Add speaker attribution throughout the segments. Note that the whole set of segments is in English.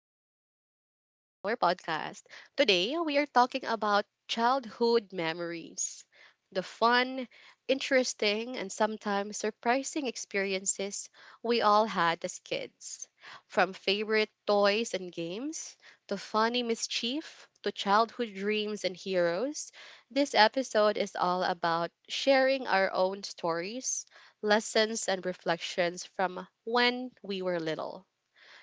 Speaker 1: and welcome back to our podcast. Today, we are talking about childhood memories, the fun, interesting, and sometimes surprising experiences we all had as kids. From favorite toys and games to funny mischief to childhood dreams and heroes, this episode is all about sharing our own stories, lessons, and reflections from when we were little.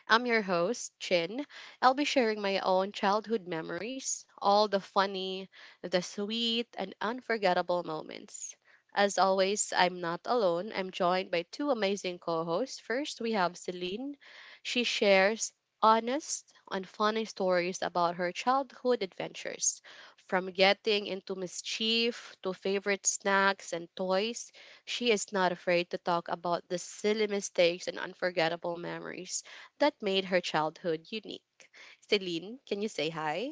Speaker 1: I'm your host, Chin. I'll be sharing my own childhood memories, all the funny, the sweet, and unforgettable moments. As always, I'm not alone. I'm joined by two amazing co hosts. First, we have Celine. She shares honest and funny stories about her childhood adventures, from getting into mischief to favorite snacks and toys. She is not afraid to talk about the silly mistakes and unforgettable memories that made her childhood unique. Celine, can you say hi?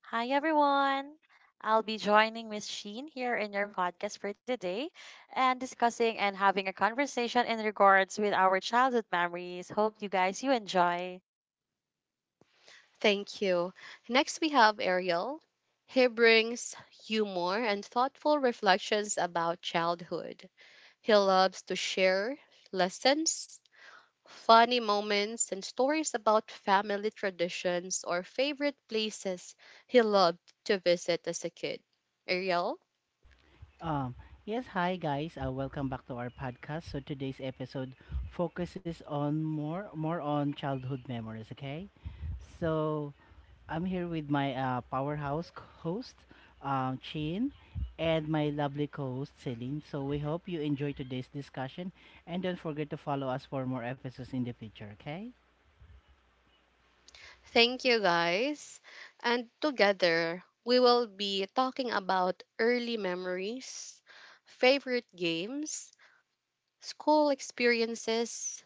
Speaker 2: Hi everyone. I'll be joining Miss Sheen here in your podcast for today and discussing and having a conversation in regards with our childhood memories. Hope you guys you enjoy.
Speaker 1: Thank you. Next, we have Ariel. He brings humor and thoughtful reflections about childhood. He loves to share lessons, funny moments, and stories about family traditions or favorite places he loved to visit as a kid. Ariel?
Speaker 3: Um, yes, hi guys. Welcome back to our podcast. So today's episode focuses on more on childhood memories, okay? So I'm here with my powerhouse host, Chin, and my lovely co-host Celine. So we hope you enjoy today's discussion, and don't forget to follow us for more episodes in the future, okay?
Speaker 1: Thank you, guys. And together, we will be talking about early memories, favorite games, school experiences,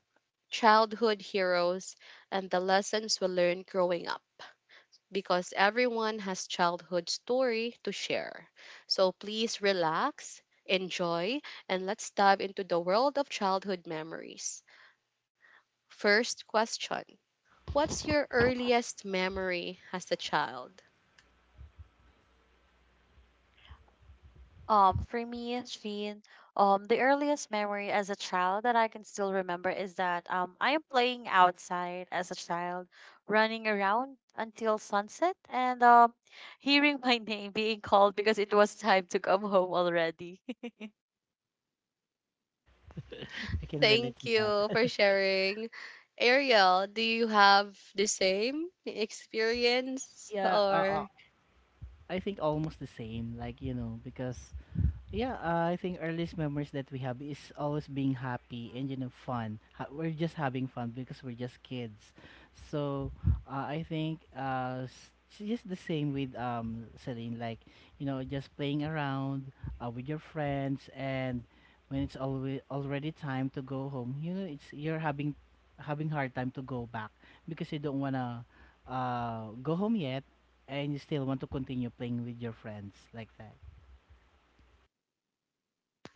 Speaker 1: childhood heroes, and the lessons we learned growing up. Because everyone has childhood story to share. So please relax, enjoy, and let's dive into the world of childhood memories. First question: what's your earliest memory as a child?
Speaker 2: For me, Sheen, the earliest memory as a child that I can still remember is that I am playing outside as a child, running around until sunset and hearing my name being called because it was time to come home already.
Speaker 3: I can relate
Speaker 1: Thank
Speaker 3: to
Speaker 1: you
Speaker 3: that.
Speaker 1: for sharing. Ariel, do you have the same experience,
Speaker 3: Yeah,
Speaker 1: or?
Speaker 3: I think almost the same, like, you know, because Yeah, I think earliest memories that we have is always being happy and fun. We're just having fun because we're just kids. So I think it's just the same with Celine, like you know just playing around, with your friends, and when it's always already time to go home, you know it's you're having hard time to go back because you don't wanna go home yet, and you still want to continue playing with your friends like that.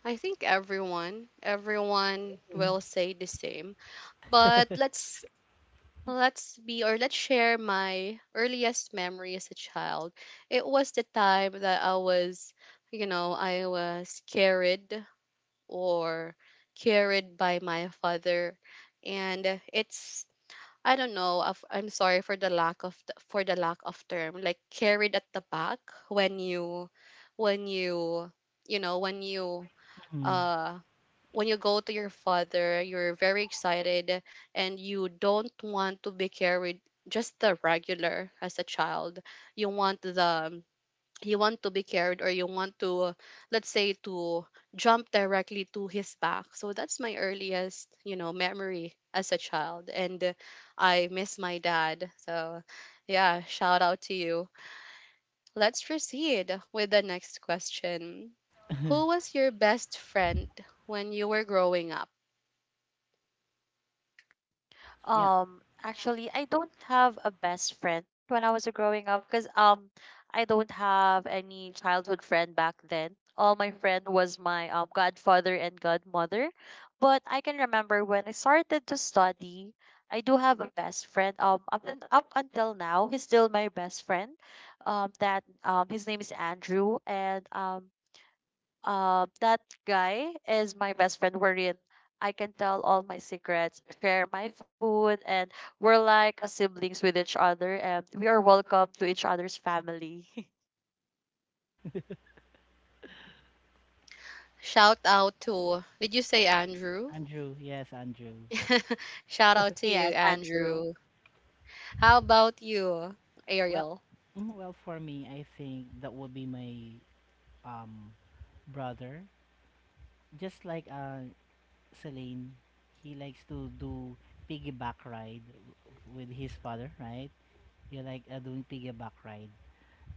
Speaker 1: I think everyone will say the same. But let's be or let's share my earliest memory as a child. It was the time that I was, you know, I was carried or carried by my father, and it's I don't know. I'm sorry for the lack of term. Like carried at the back, when you when you know uh when you go to your father, you're very excited and you don't want to be carried, just the regular as a child. You want the you want to be carried, or you want to let's say, to jump directly to his back. So that's my earliest, memory as a child, and I miss my dad, so yeah, shout out to you. Let's proceed with the next question. Who was your best friend when you were growing up?
Speaker 3: Yeah,
Speaker 2: Actually, I don't have a best friend when I was growing up because I don't have any childhood friend back then. All my friend was my godfather and godmother. But I can remember when I started to study, I do have a best friend. Up until now, he's still my best friend. That His name is Andrew, and that guy is my best friend wherein I can tell all my secrets, share my food, and we're like siblings with each other, and we are welcome to each other's family.
Speaker 1: Shout out to, did you say Andrew?
Speaker 3: Andrew, yes, Andrew.
Speaker 1: Shout out to you,
Speaker 2: Yes,
Speaker 1: Andrew.
Speaker 2: Andrew.
Speaker 1: How about you,
Speaker 3: Well,
Speaker 1: Ariel?
Speaker 3: well for me, I think that would be my um brother. Just like Celine, he likes to do piggyback ride with his father, right? You like doing piggyback ride.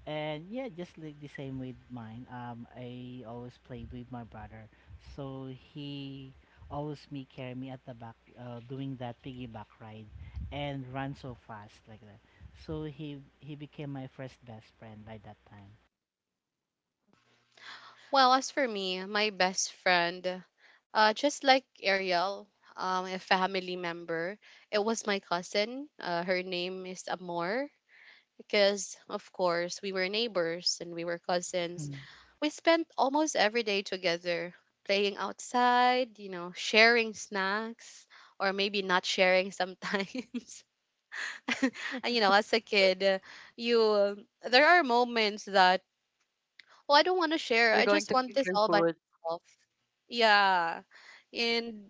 Speaker 3: And yeah, just like the same with mine. I always played with my brother, so he always me carry me at the back, doing that piggyback ride, and run so fast like that. So he became my first best friend by that time.
Speaker 1: Well, as for me, my best friend, just like Ariel, a family member, it was my cousin. Her name is Amor. Because, of course, we were neighbors and we were cousins. We spent almost every day together, playing outside, you know, sharing snacks, or maybe not sharing sometimes. And, you know, as a kid, there are moments that, oh, I don't want to share. I
Speaker 2: You're
Speaker 1: just
Speaker 2: going
Speaker 1: want
Speaker 2: to
Speaker 1: this
Speaker 2: keep
Speaker 1: all
Speaker 2: your
Speaker 1: by
Speaker 2: food.
Speaker 1: myself. Yeah. And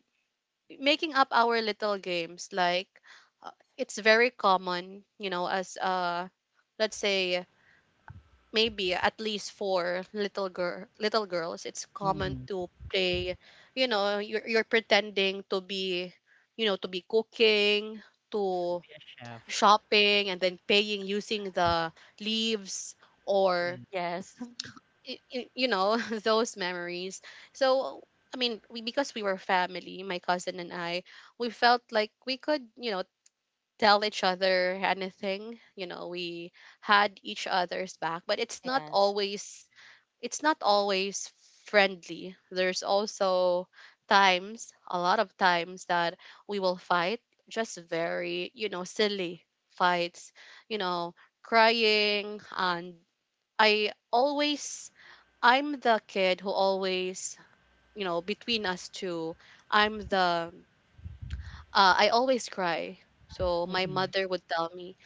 Speaker 1: making up our little games like, it's very common, you know, as let's say, maybe, at least for little girls, it's common
Speaker 3: Mm-hmm.
Speaker 1: to play, you know. You're pretending to be, you know, to be cooking,
Speaker 3: Yes,
Speaker 1: to
Speaker 3: be a chef.
Speaker 1: shopping and then paying using the leaves, or
Speaker 2: Yes.
Speaker 1: you know, those memories. So I mean, we, because we were family, my cousin and I, we felt like we could, you know, tell each other anything. You know, we had each other's back.
Speaker 2: Yes,
Speaker 1: But it's not always, it's not always friendly. There's also times, a lot of times, that we will fight, just very, you know, silly fights, you know, crying. And I always I'm the kid who always, you know, between us two, I'm the I always cry. So my
Speaker 3: Mm-hmm.
Speaker 1: mother would tell me,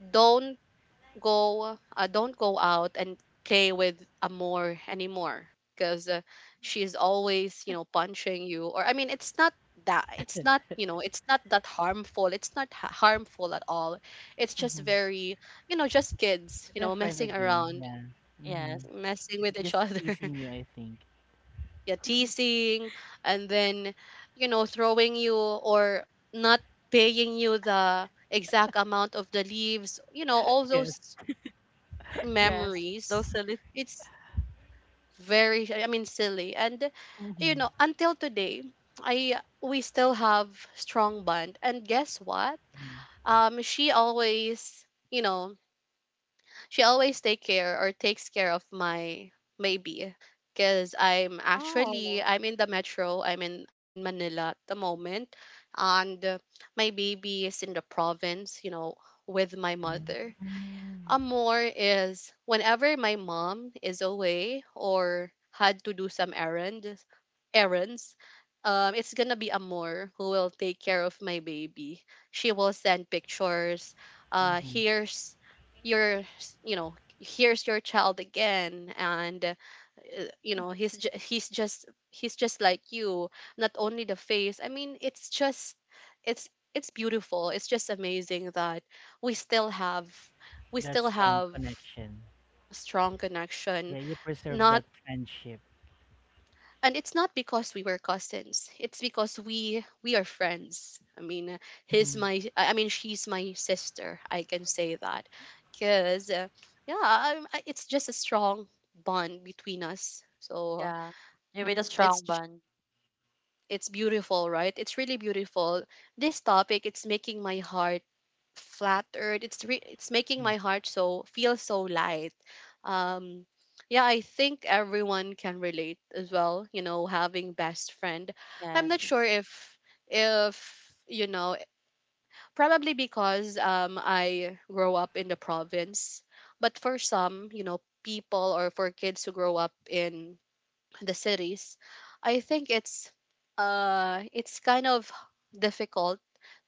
Speaker 1: "Don't don't go out and play with Amor anymore, because she's always, you know, punching you." Or I mean, it's not that, it's not, you know, it's not that harmful. It's not harmful at all. It's just
Speaker 3: Mm-hmm.
Speaker 1: very, you know, just kids, you
Speaker 3: It's a
Speaker 1: know,
Speaker 3: friendly
Speaker 1: messing
Speaker 3: game.
Speaker 1: around,
Speaker 3: Yeah.
Speaker 2: yes.
Speaker 3: Mm-hmm.
Speaker 1: messing with each
Speaker 3: Just
Speaker 1: other.
Speaker 3: teasing you, I think.
Speaker 1: Yeah, teasing, and then, you know, throwing you, or not paying you the exact amount of the leaves, you know, all
Speaker 3: Yes.
Speaker 1: those
Speaker 2: Yes.
Speaker 1: memories.
Speaker 2: Those silly.
Speaker 1: It's very, I mean, silly. And, you
Speaker 3: Mm-hmm.
Speaker 1: know, until today, I we still have strong bond. And guess what? She always, take care, or takes care of my, maybe, because
Speaker 2: Oh,
Speaker 1: I'm in the metro. I'm in Manila at the moment, and my baby is in the province. You know, with my mother.
Speaker 3: Mm-hmm.
Speaker 1: A more is, whenever my mom is away or had to do some errands, errands, it's gonna be a more who will take care of my baby. She will send pictures. Uh, here's here's your child again, and you know, he's just like you. Not only the face, I mean, it's just, it's it's beautiful. It's just amazing that we still have we
Speaker 3: That
Speaker 1: still
Speaker 3: strong
Speaker 1: have
Speaker 3: connection.
Speaker 1: a strong connection.
Speaker 3: Yeah, you preserve
Speaker 1: Not,
Speaker 3: that friendship.
Speaker 1: and it's not because we were cousins, it's because we are friends, I mean,
Speaker 3: Mm-hmm.
Speaker 1: she's my sister, I can say that, because yeah, it's just a strong bond between us. So uh,
Speaker 2: yeah. You made a strong
Speaker 1: it's
Speaker 2: bond.
Speaker 1: it's beautiful, right? It's really beautiful. This topic, it's making my heart flattered. It's making my heart so, feel so light. Um, yeah, I think everyone can relate as well. You know, having best friend. I'm not
Speaker 2: Yes,
Speaker 1: sure if you know probably because I grow up in the province, but for some, you know, people, or for kids who grow up in the cities, I think it's kind of difficult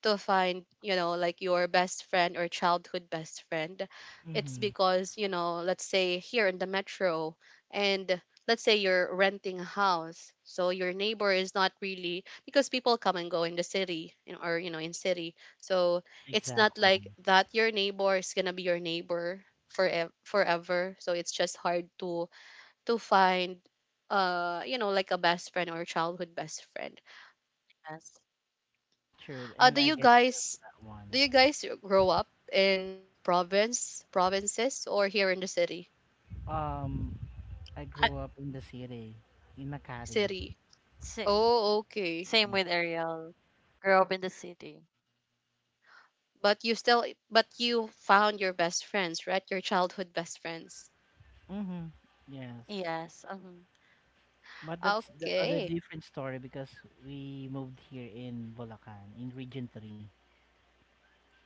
Speaker 1: to find, you know, like, your best friend, or childhood best friend. It's
Speaker 3: Mm-hmm.
Speaker 1: because, you know, let's say here in the metro, and let's say you're renting a house, so your neighbor is not really, because people come and go in the city, you know, or you know, in city. So it's not
Speaker 3: Exactly.
Speaker 1: like that your neighbor is going to be your neighbor forever, so it's just hard to find, you know, like a best friend, or a childhood best friend.
Speaker 2: yes.
Speaker 3: True.
Speaker 1: uh
Speaker 3: And
Speaker 1: do
Speaker 3: I
Speaker 1: you
Speaker 3: get you
Speaker 1: guys
Speaker 3: that one.
Speaker 1: do you guys grow up in provinces, or here in the city?
Speaker 3: Um, I
Speaker 2: I,
Speaker 3: grew up in the city, in Makati.
Speaker 1: City?
Speaker 2: same,
Speaker 1: Oh, okay.
Speaker 2: same with
Speaker 3: Yes.
Speaker 2: Ariel. Grew up in the city.
Speaker 1: But you still but you found your best friends, right? Your childhood best friends?
Speaker 3: Mm-hmm. Yes.
Speaker 2: Yes. Mhm.
Speaker 3: But that's the other
Speaker 1: Okay.
Speaker 3: different story because we moved here in Bulacan, in Region 3.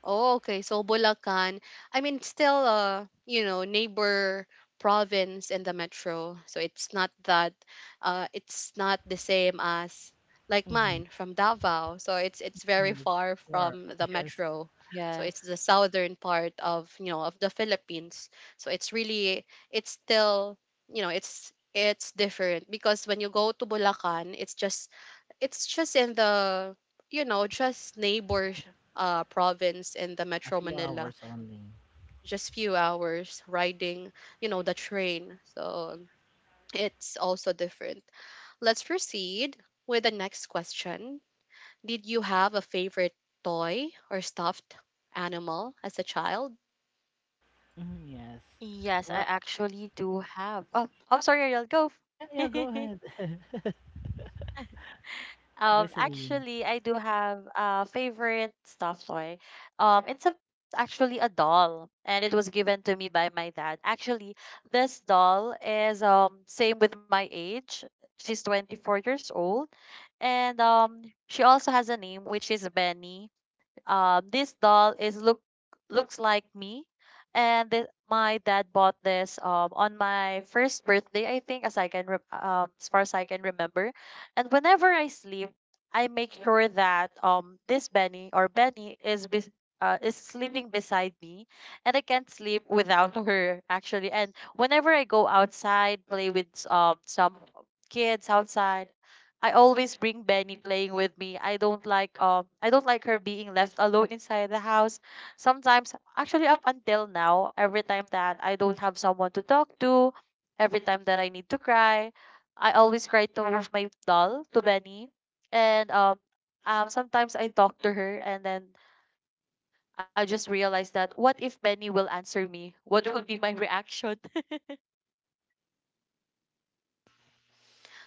Speaker 1: Oh, okay. So Bulacan, I mean, still, you know, neighbor province in the metro. So it's not that, it's not the same as like
Speaker 3: Mm-hmm.
Speaker 1: mine from Davao. So it's very
Speaker 3: That's
Speaker 1: far
Speaker 3: far.
Speaker 1: from the
Speaker 3: Yes.
Speaker 1: metro. So it's
Speaker 2: Yes.
Speaker 1: the southern part of, you know, of the Philippines. So it's really, it's still, you know, it's different, because when you go to Bulacan, it's just in the, you know, just neighbor, province in the
Speaker 3: A
Speaker 1: Metro
Speaker 3: few hours
Speaker 1: Manila.
Speaker 3: only.
Speaker 1: Just few hours riding, you know, the train. So it's also different. Let's proceed with the next question. Did you have a favorite toy or stuffed animal as a child?
Speaker 3: Mm-hmm. Yes.
Speaker 2: Yes, I
Speaker 3: Well,
Speaker 2: actually do have. Oh, I'm sorry, Ariel. Go.
Speaker 3: yeah, yeah, go ahead. Go, Celine.
Speaker 2: Actually, I do have a favorite stuffed toy. It's a actually a doll, and it was given to me by my dad. Actually, this doll is same with my age. She's 24 years old, and she also has a name which is Benny. This doll is looks like me, and my dad bought this on my first birthday, I think, as far as I can remember. And whenever I sleep, I make sure that this Benny or Benny is sleeping beside me, and I can't sleep without her actually. And whenever I go outside, play with some kids outside, I always bring Benny playing with me. I don't like her being left alone inside the house. Sometimes actually up until now, every time that I don't have someone to talk to, every time that I need to cry, I always cry to my doll, to Benny. And sometimes I talk to her, and then I just realize that what if Benny will answer me? What would be my reaction?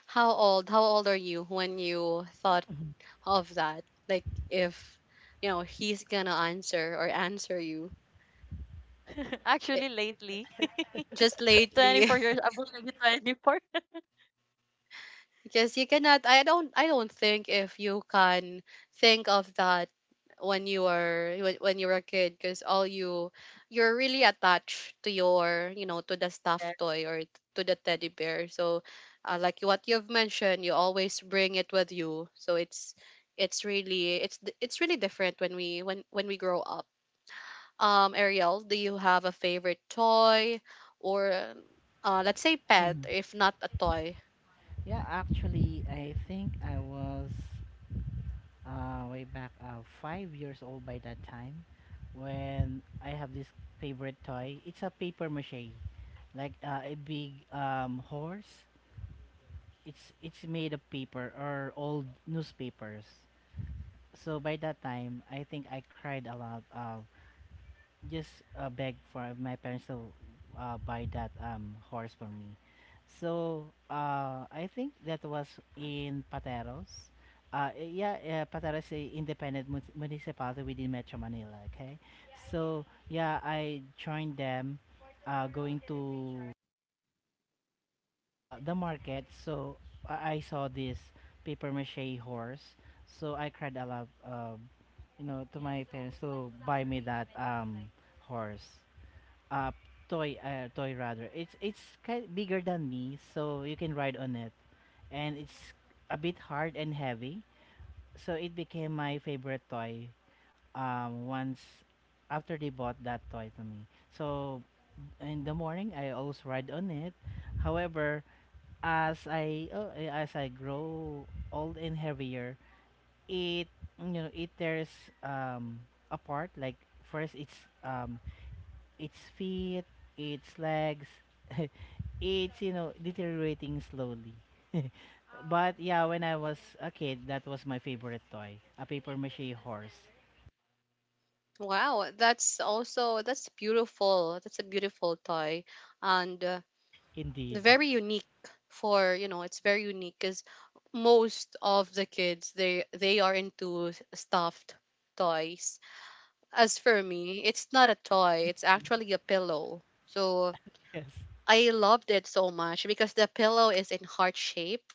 Speaker 1: How old? How old are you when you thought of that? Like, if you know, he's gonna answer, or answer you. It,
Speaker 2: Actually lately.
Speaker 1: just lately.
Speaker 2: 24 years, I'm already 24.
Speaker 1: Because you cannot, I don't think if you can think of that when you were when you were a kid, because all you you're really attached to your, you know, to the stuffed toy, or to the teddy bear, so, like what you've mentioned, you always bring it with you. So it's really different when we grow up. Ariel, do you have a favorite toy? Or, let's say pet,
Speaker 3: Mm-hmm.
Speaker 1: if not a toy?
Speaker 3: Yeah, actually, I think I was way back 5 years old by that time when I have this favorite toy. It's a paper mache, like a big horse. It's made of paper or old newspapers. So by that time, I think I cried a lot. Just beg for my parents to buy that horse for me. So I think that was in Pateros. Yeah, Pateros is a independent municipality within Metro Manila. Okay, so yeah, I joined them, going to the market. So I saw this paper mache horse. So I cried a lot, you know, to my parents to buy me that horse uh toy rather. It's kind of bigger than me, so you can ride on it, and it's a bit hard and heavy. So it became my favorite toy once after they bought that toy to me. So in the morning I always ride on it. However, as I grow old and heavier, it, you know, it tears apart. Like first it's its feet, its legs, it's, you know, deteriorating slowly. But yeah, when I was a kid, that was my favorite toy, a paper mache horse.
Speaker 1: Wow, that's beautiful. That's a beautiful toy, and
Speaker 3: Indeed.
Speaker 1: very unique. For, you know, it's very unique, cuz most of the kids, they are into stuffed toys. As for me, it's not a toy, it's actually a pillow. So
Speaker 3: Yes,
Speaker 1: I loved it so much, because the pillow is in heart shape,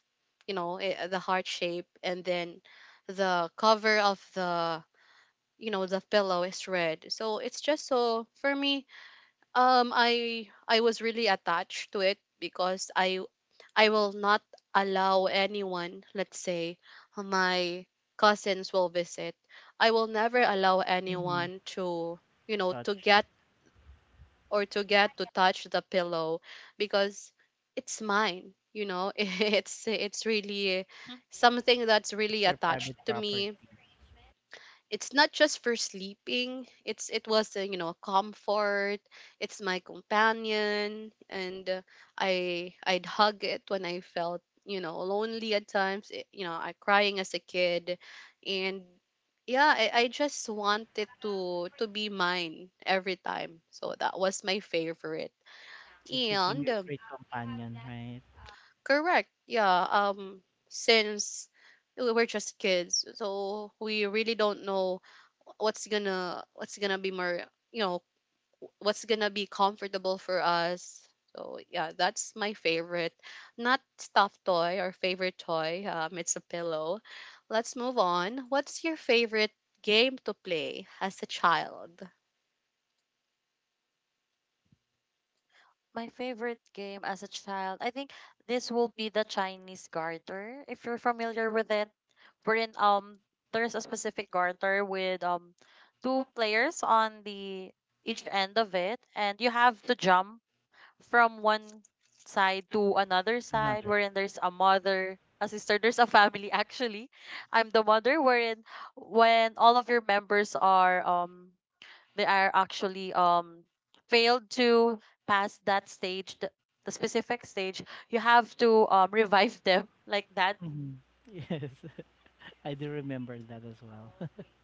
Speaker 1: you know, the heart shape, and then the cover of the, you know, the pillow is red, so it's just, so for me. I was really attached to it, because I will not allow anyone, let's say my cousins will visit. I will never allow anyone to, you know,
Speaker 3: touch it.
Speaker 1: to get to touch the pillow, because it's mine, you know. It's really
Speaker 2: Mm.
Speaker 1: something that's really
Speaker 3: It's your
Speaker 1: attached
Speaker 3: private
Speaker 1: to
Speaker 3: property.
Speaker 1: me. It's not just for sleeping, it was a, you know, comfort. It's my companion, and I'd hug it when I felt, you know, lonely at times, it, you know, I crying as a kid, and yeah, I just wanted to be mine every time, so that was my favorite.
Speaker 3: It became
Speaker 1: And
Speaker 3: your great companion, right?
Speaker 1: correct. Yeah. Since we're just kids, so we really don't know what's gonna be more, you know, what's gonna be comfortable for us. So yeah, that's my favorite. Not stuffed toy or favorite toy. It's a pillow. Let's move on. What's your favorite game to play as a child?
Speaker 2: My favorite game as a child, I think this will be the Chinese garter, if you're familiar with it. Wherein there's a specific garter with two players on the each end of it, and you have to jump from one side to another side.
Speaker 3: Another.
Speaker 2: Wherein there's a mother, a sister, there's a family, actually. I'm the mother. Wherein when all of your members are they are actually failed to pass that stage, the specific stage, you have to revive them, like that.
Speaker 3: Mhm. Yes, I do remember that as well.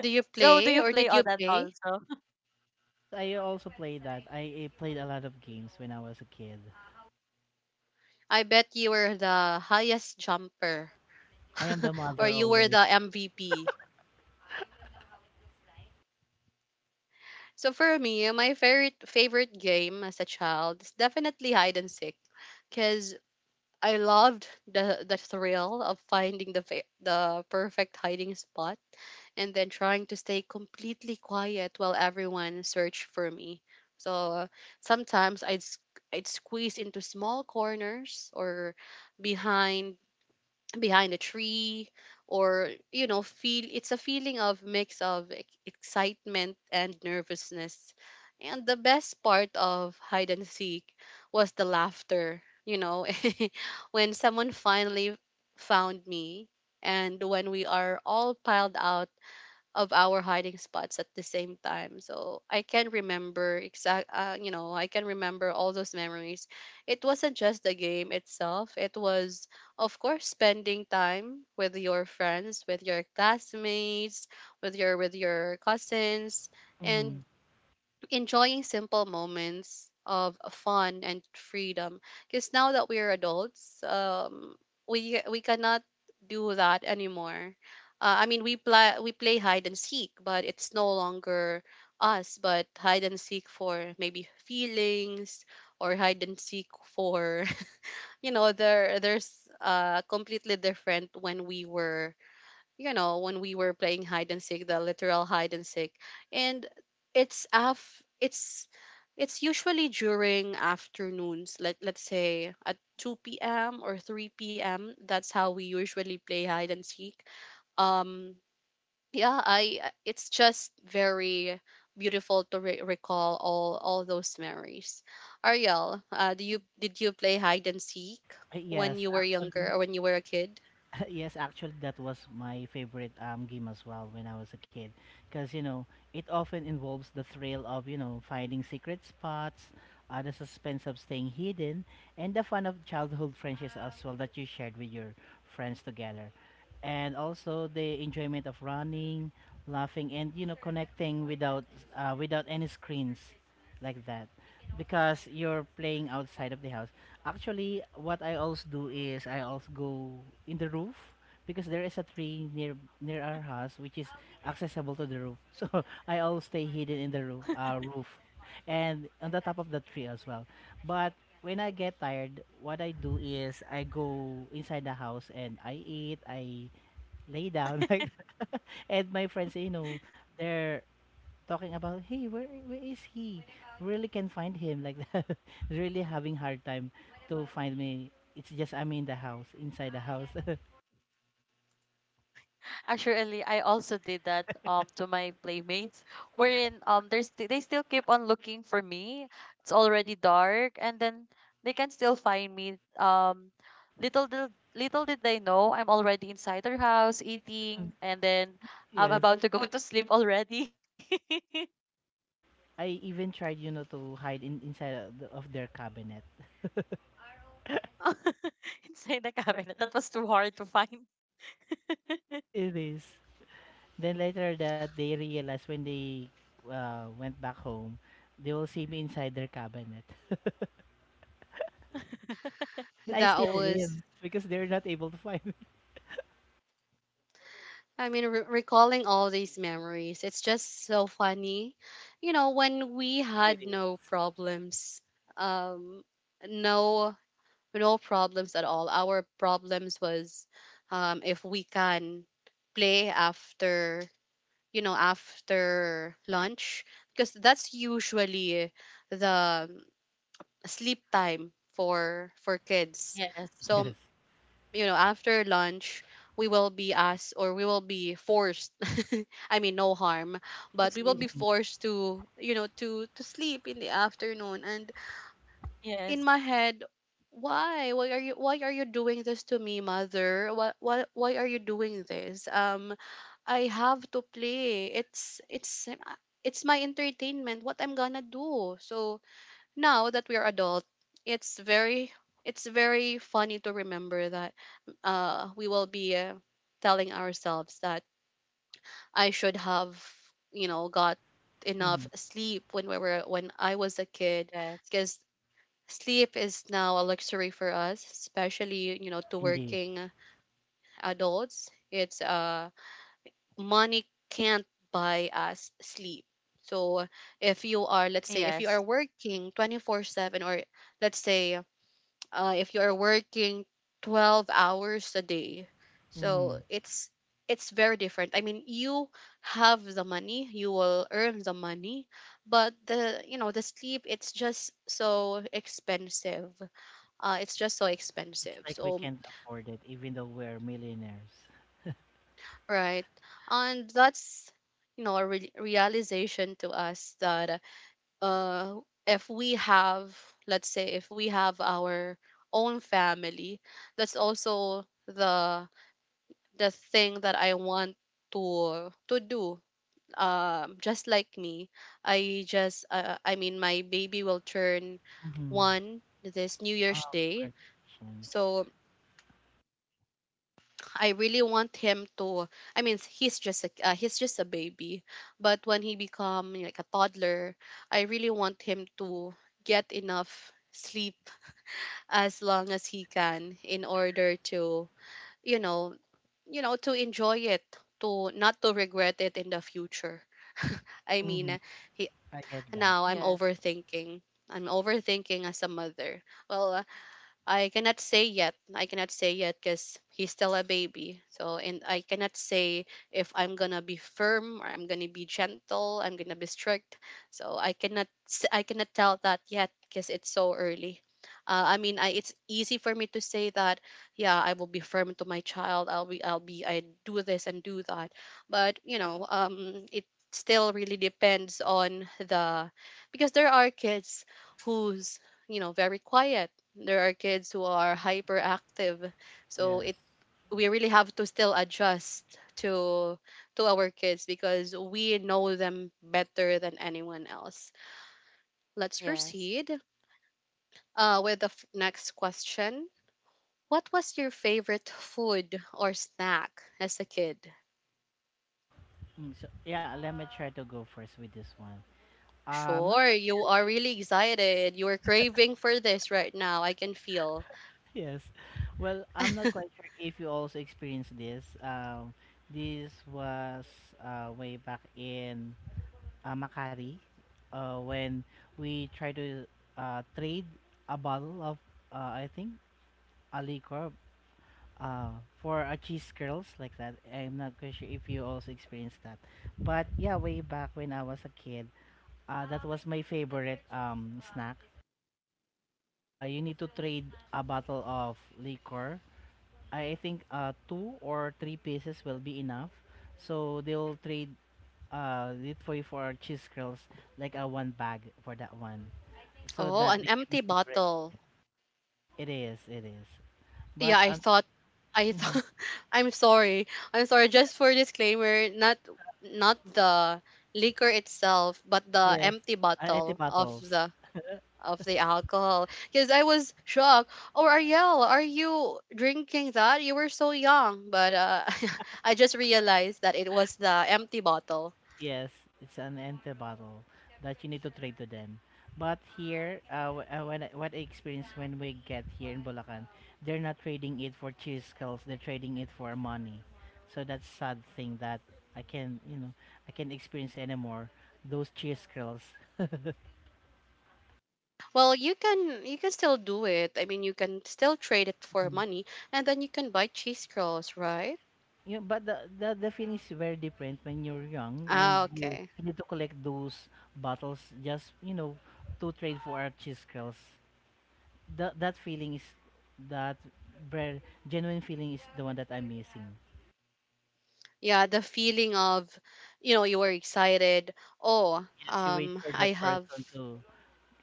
Speaker 1: Do you
Speaker 2: So do
Speaker 1: play
Speaker 2: you
Speaker 1: or
Speaker 2: play
Speaker 1: did
Speaker 2: all
Speaker 1: you
Speaker 2: that
Speaker 1: play?
Speaker 2: also?
Speaker 3: Yes, I also played that. I played a lot of games when I was a kid.
Speaker 1: I bet you were the highest jumper
Speaker 3: I am the
Speaker 1: or
Speaker 3: mother
Speaker 1: you were the
Speaker 3: always.
Speaker 1: MVP. So for me, my favorite game as a child is definitely hide and seek because I loved the thrill of finding the perfect hiding spot and then trying to stay completely quiet while everyone searched for me. So sometimes I'd squeeze into small corners or behind behind a tree or, you know, feel it's a feeling of mix of excitement and nervousness, and the best part of hide and seek was the laughter, you know. When someone finally found me and when we are all piled out of our hiding spots at the same time. So I can remember you know, I can remember all those memories. It wasn't just the game itself. It was, of course, spending time with your friends, with your classmates, with your cousins,
Speaker 3: Hmm.
Speaker 1: and enjoying simple moments of fun and freedom because now that we're adults, we cannot do that anymore. I mean, we play hide and seek, but it's no longer us, but hide and seek for maybe feelings or hide and seek for you know, there's completely different when we were, you know, when we were playing hide and seek, the literal hide and seek. And it's af it's it's usually during afternoons, like let's say at 2 p.m. or 3 p.m. That's how we usually play hide and seek. Um yeah, it's just very beautiful to recall all those memories. Ariel, do you did you play hide and seek when
Speaker 3: Yes,
Speaker 1: you were younger
Speaker 3: actually,
Speaker 1: or when you were a kid?
Speaker 3: yes, actually, that was my favorite game as well when I was a kid, because you know it often involves the thrill of finding secret spots, the suspense of staying hidden, and the fun of childhood friendships as well that you shared with your friends together, and also the enjoyment of running, laughing, and connecting without any screens, like that, because you're playing outside of the house. Actually, what I also do is I also go in the roof because there is a tree near our house which is accessible to the roof. So I always stay hidden in the roof, and on the top of the tree as well. But when I get tired, what I do is I go inside the house and I eat. I lay down, like, that. And my friends, you know, they're talking about, hey, where is he? Really can't find him like that. Really having hard time to find me. It's just I'm in the house, inside the house.
Speaker 2: Actually, I also did that to my playmates, wherein they still keep on looking for me. It's already dark, and then they can still find me. Little did they know, I'm already inside their house eating, and then I'm
Speaker 3: Yes.
Speaker 2: about to go to sleep already.
Speaker 3: I even tried, you know, to hide in inside of their cabinet.
Speaker 2: Inside the cabinet. That was too hard to find.
Speaker 3: It is. Then later that they realized when they went back home, they will see me inside their cabinet. And I
Speaker 1: That
Speaker 3: still
Speaker 1: was,
Speaker 3: win because they're not able to find me.
Speaker 1: I mean, recalling all these memories, it's just so funny. You know, when we
Speaker 3: It
Speaker 1: had
Speaker 3: is.
Speaker 1: no problems, um, no, no problems at all. Our problems was, if we can play after, you know, after lunch, because that's usually the sleep time for kids.
Speaker 2: Yes,
Speaker 1: So,
Speaker 3: Yes.
Speaker 1: you know, after lunch, we will be asked or we will be forced. I mean, no harm,
Speaker 2: to
Speaker 1: but we will
Speaker 2: sleep.
Speaker 1: be forced to, you know, to sleep in the afternoon. And in
Speaker 2: Yes,
Speaker 1: my head, why? Why are you? Why are you doing this to me, mother? Why? Why? Why are you doing this? I have to play. It's my entertainment. What I'm gonna do? So now that we are adult, it's very it's very funny to remember that we will be telling ourselves that I should have, you know, got enough
Speaker 3: Hmm.
Speaker 1: sleep when we were when I was a kid,
Speaker 2: yes,
Speaker 1: because sleep is now a luxury for us, especially, you know, to
Speaker 3: Indeed.
Speaker 1: working adults. It's money can't buy us sleep. So if you are, let's
Speaker 2: yes,
Speaker 1: say if you are working 24/7 or let's say, if you are working 12 hours a day, so
Speaker 3: Hmm.
Speaker 1: it's very different. I mean, you have the money, you will earn the money, but the, you know, the sleep, it's just so expensive, it's just so
Speaker 3: It's
Speaker 1: expensive.
Speaker 3: like we
Speaker 1: So
Speaker 3: can't afford it, even though we're millionaires.
Speaker 1: right, and that's, you know, a realization to us that uh if we have, let's say if we have our own family, that's also the thing that I want to do. Just like me, I just I mean my baby will turn
Speaker 3: Mm-hmm.
Speaker 1: one this New Year's
Speaker 3: Wow,
Speaker 1: Day,
Speaker 3: congratulations.
Speaker 1: so I really want him to. I mean, he's just a baby, but when he become like a toddler, I really want him to get enough sleep as long as he can in order to, you know, you know to enjoy it, to not to regret it in the future. I mean,
Speaker 3: Mm-hmm.
Speaker 1: he,
Speaker 3: I get that.
Speaker 1: now
Speaker 2: yes,
Speaker 1: I'm overthinking, I'm overthinking as a mother. Well, I cannot say yet. I cannot say yet because he's still a baby. So, and I cannot say if I'm gonna be firm or I'm gonna be gentle. I'm gonna be strict. So I cannot. I cannot tell that yet because it's so early. I mean, it's easy for me to say that. Yeah, I will be firm to my child. I'll be. I'll be. I do this and do that. But you know, it still really depends on the, because there are kids who's, you know, very quiet, there are kids who are hyperactive. So it,
Speaker 3: Yes.
Speaker 1: we really have to still adjust to our kids because we know them better than anyone else. Let's
Speaker 2: yes.
Speaker 1: proceed with the next question. What was your favorite food or snack as a kid?
Speaker 3: So yeah, let me try to go first with this one. I'm not
Speaker 1: Sure,
Speaker 3: quite.
Speaker 1: you are really excited. You are craving for this right now. I can feel.
Speaker 3: Yes. Well, I'm not quite sure if you also experienced this. This was way back in Makati, when we tried to trade a bottle of, I think, a liquor uh for a cheese curls, like that. I'm not quite sure if you also experienced that. But yeah, way back when I was a kid, that was my favorite snack. You need to trade a bottle of liquor. I think two or three pieces will be enough. So they'll trade it for you for cheese curls, like a one bag for that one. So
Speaker 1: Oh,
Speaker 3: that
Speaker 1: an
Speaker 3: became my
Speaker 1: empty
Speaker 3: favorite.
Speaker 1: bottle.
Speaker 3: It is. It is.
Speaker 1: Yeah,
Speaker 3: But
Speaker 1: I thought I
Speaker 3: mhm,
Speaker 1: thought I'm sorry. I'm sorry, just for disclaimer, not not the liquor itself, but the
Speaker 3: yes.
Speaker 1: empty
Speaker 3: Empty
Speaker 1: bottle
Speaker 3: bottles.
Speaker 1: of the alcohol, because I was shocked. Oh, Ariel, are you drinking that? You were so young, but I just realized that it was the empty bottle.
Speaker 3: Yes, it's an empty bottle that you need to trade to them. But here, when what I experienced when we get here in Bulacan, they're not trading it for cheese skulls. They're trading it for money. So that's sad thing that I can you know I can not experience anymore those cheese skulls.
Speaker 1: Well, you can still do it. I mean, you can still trade it for
Speaker 3: Mm.
Speaker 1: money, and then you can buy cheese curls, right?
Speaker 3: You know, but the feeling is very different when you're young, and
Speaker 1: Ah,
Speaker 3: you,
Speaker 1: okay.
Speaker 3: you need to collect those bottles just to trade for our cheese curls. That feeling is that ver- genuine feeling is the one that I'm missing.
Speaker 1: Yeah, the feeling of, you know, you were excited. Oh,
Speaker 3: Yes, you wait for
Speaker 1: I
Speaker 3: that
Speaker 1: have,
Speaker 3: person to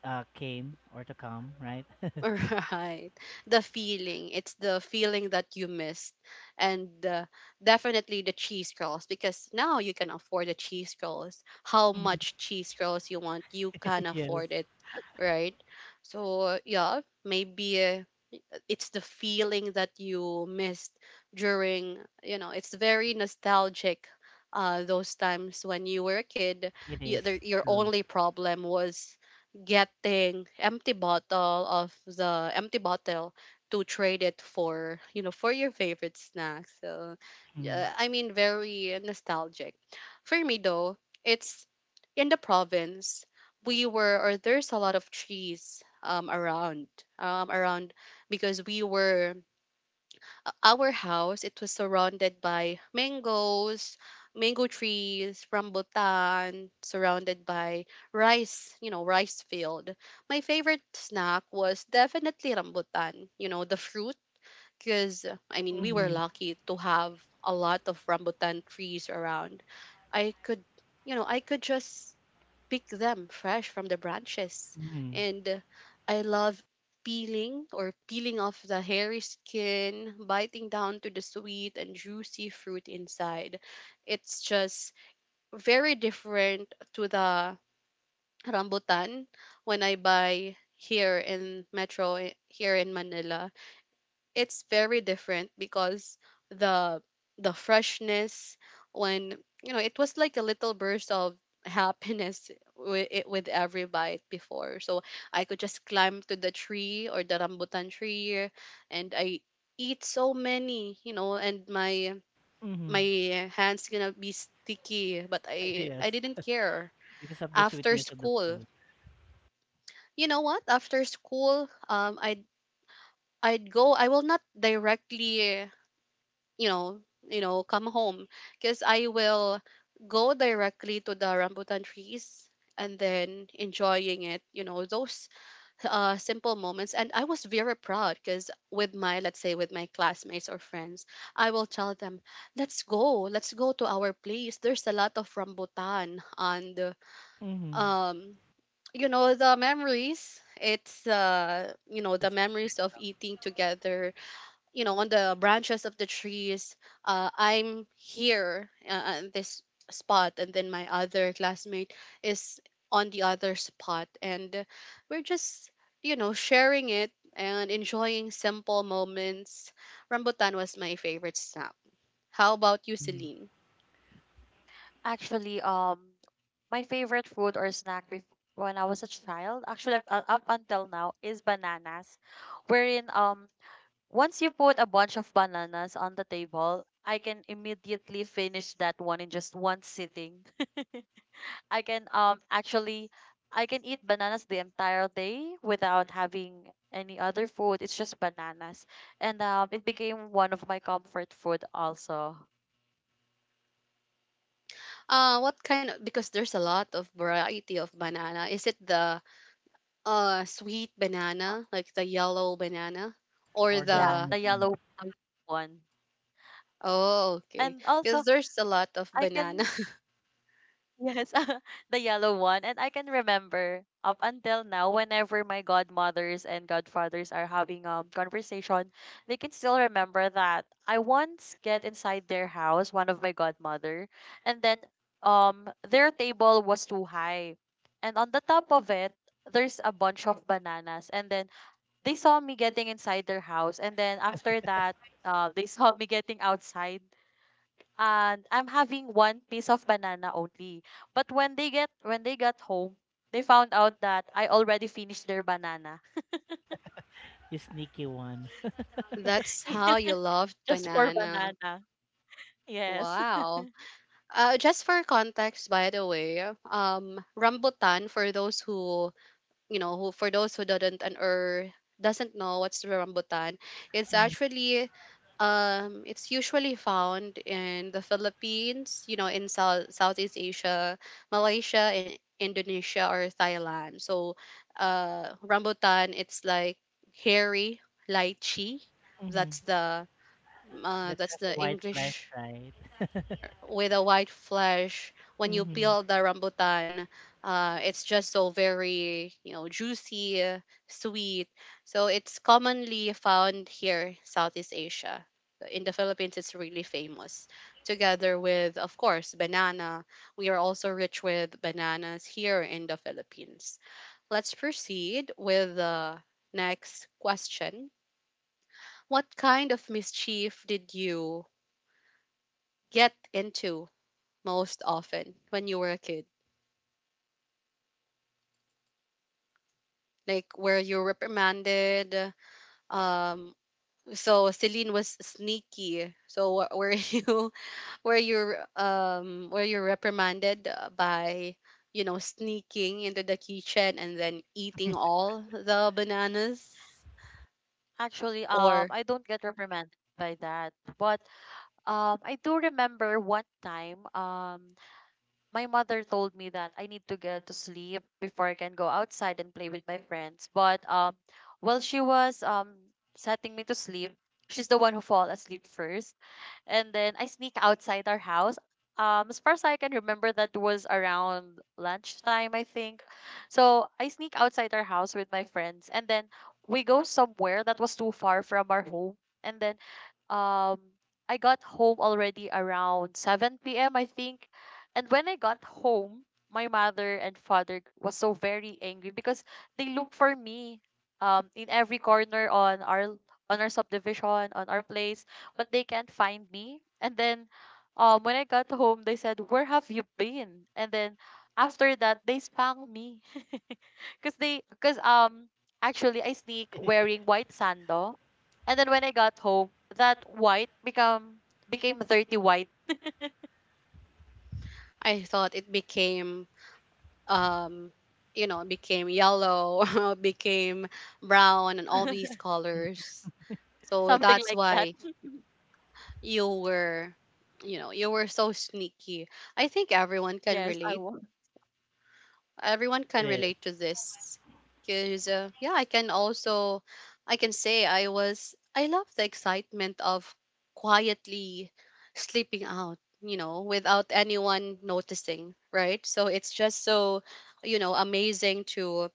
Speaker 3: came or to come, right?
Speaker 1: right. The feeling. It's the feeling that you missed. And definitely the cheese curls, because now you can afford the cheese curls. How
Speaker 3: Hmm.
Speaker 1: much cheese curls you want, you can
Speaker 3: Yes,
Speaker 1: afford it, right? So, yeah, maybe it's the feeling that you missed during, you know, it's very nostalgic, those times when you were a kid.
Speaker 3: it is
Speaker 1: Your
Speaker 3: true.
Speaker 1: only problem was getting empty bottle of the empty bottle to trade it for, you know, for your favorite snack. So I mean, very nostalgic. For me though, it's in the province, we were or there's a lot of trees around um around because we were our house, it was surrounded by mangoes, mango trees, rambutan, surrounded by rice, you know, rice field. My favorite snack was definitely rambutan, you know, the fruit, because I mean, we were
Speaker 3: Mm-hmm.
Speaker 1: lucky to have a lot of rambutan trees around. I could, you know, I could just pick them fresh from the branches.
Speaker 3: Hmm.
Speaker 1: And I love peeling or peeling off the hairy skin, biting down to the sweet and juicy fruit inside. It's just very different to the rambutan when I buy here in Metro, eh, here in Manila. It's very different because the the freshness, when, you know, it was like a little burst of happiness with it, with every bite before. So I could just climb to the tree or the rambutan tree and I eat so many, you know, and my
Speaker 3: Hmm.
Speaker 1: my hands gonna be sticky, but i
Speaker 3: Yes,
Speaker 1: i didn't care.
Speaker 3: because of the
Speaker 1: After
Speaker 3: sweetness of the
Speaker 1: school,
Speaker 3: food.
Speaker 1: you know what, after school, I'd go, I will not directly, you know, come home, because I will go directly to the rambutan trees and then enjoying it, you know, those simple moments. And I was very proud, because with my, let's say, with my classmates or friends, I will tell them, let's go to our place. There's a lot of rambutan and,
Speaker 3: Hmm.
Speaker 1: um, you know, the memories. It's, you know, the
Speaker 3: That's the
Speaker 1: memories
Speaker 3: special
Speaker 1: of eating together, you know, on the branches of the trees. I'm here on this spot, and then my other classmate is on the other spot, and we're just, you know, sharing it and enjoying simple moments. Rambutan was my favorite snack. How about you, Celine?
Speaker 2: Actually, my favorite food or snack, bef when I was a child, actually up until now, is bananas. Wherein, once you put a bunch of bananas on the table, I can immediately finish that one in just one sitting. I can um actually I can eat bananas the entire day without having any other food. It's just bananas. And it became one of my comfort food also.
Speaker 1: What kind of, because there's a lot of variety of banana, is it the sweet
Speaker 2: Uh,
Speaker 1: banana, like the yellow banana or
Speaker 3: or the
Speaker 2: yeah,
Speaker 1: the,
Speaker 3: long
Speaker 2: the
Speaker 3: one,
Speaker 2: yellow the yellow one.
Speaker 1: oh, okay.
Speaker 2: And
Speaker 1: Because
Speaker 2: also
Speaker 1: there's a lot of
Speaker 2: I
Speaker 1: banana.
Speaker 2: can— Yes. The yellow one. And I can remember up until now, whenever my godmothers and godfathers are having conversation, they can still remember that I once get inside their house, one of my godmother, and then their table was too high. And on the top of it, there's a bunch of bananas. And then they saw me getting inside their house. And then after that, they saw me getting outside, and I'm having one piece of banana only. But when they got home, they found out that I already finished their banana.
Speaker 3: the sneaky one.
Speaker 1: That's how you loved
Speaker 2: Just for
Speaker 1: banana.
Speaker 2: banana. Yes.
Speaker 1: Wow. Just for context, by the way, rambutan, for those who, you know who, for those who didn't and or doesn't know what's the rambutan, it's actually, it's usually found in the Philippines, you know, in South Southeast Asia, Malaysia, and Indonesia or Thailand. So, rambutan, it's like hairy lychee.
Speaker 3: Hmm.
Speaker 1: That's the
Speaker 3: That
Speaker 1: that's
Speaker 3: has
Speaker 1: the
Speaker 3: a white flesh,
Speaker 1: English,
Speaker 3: right?
Speaker 1: with a white flesh when you
Speaker 3: Hmm.
Speaker 1: peel the rambutan. It's just so very, you know, juicy, sweet. So it's commonly found here, Southeast Asia. In the Philippines, it's really famous, together with, of course, banana. We are also rich with bananas here in the Philippines. Let's proceed with the next question. What kind of mischief did you get into most often when you were a kid? Like where you reprimanded? Um, so Celine was sneaky. So were you were you reprimanded by sneaking into the kitchen and then eating all the bananas?
Speaker 2: Actually,
Speaker 1: Or
Speaker 2: I don't get reprimanded by that. But I do remember one time, my mother told me that I need to get to sleep before I can go outside and play with my friends. But while she was setting me to sleep, she's the one who fall asleep first, and then I sneak outside our house. As far as I can remember, that was around lunchtime, I think. So I sneak outside our house with my friends, and then we go somewhere that was too far from our home. And then, um, I got home already around 7 p.m., I think. And when I got home, my mother and father was so very angry because they look for me in every corner on our subdivision, on our place, but they can't find me. And then when I got home, they said, "Where have you been?" And then after that, they spanked me. Cause actually I sneak wearing white sando. And then when I got home, that white become became dirty white.
Speaker 1: I thought it became um became yellow, became brown, and all these colors. So
Speaker 2: Something
Speaker 1: that's
Speaker 2: like that.
Speaker 1: why you were you were so sneaky. I think everyone can
Speaker 2: Yes, I
Speaker 1: relate,
Speaker 2: was.
Speaker 1: everyone
Speaker 3: It
Speaker 1: can
Speaker 3: is.
Speaker 1: relate to this Because yeah, I can also, I can say I was, I love the excitement of quietly sleeping out, without anyone noticing, right? So it's just so, amazing to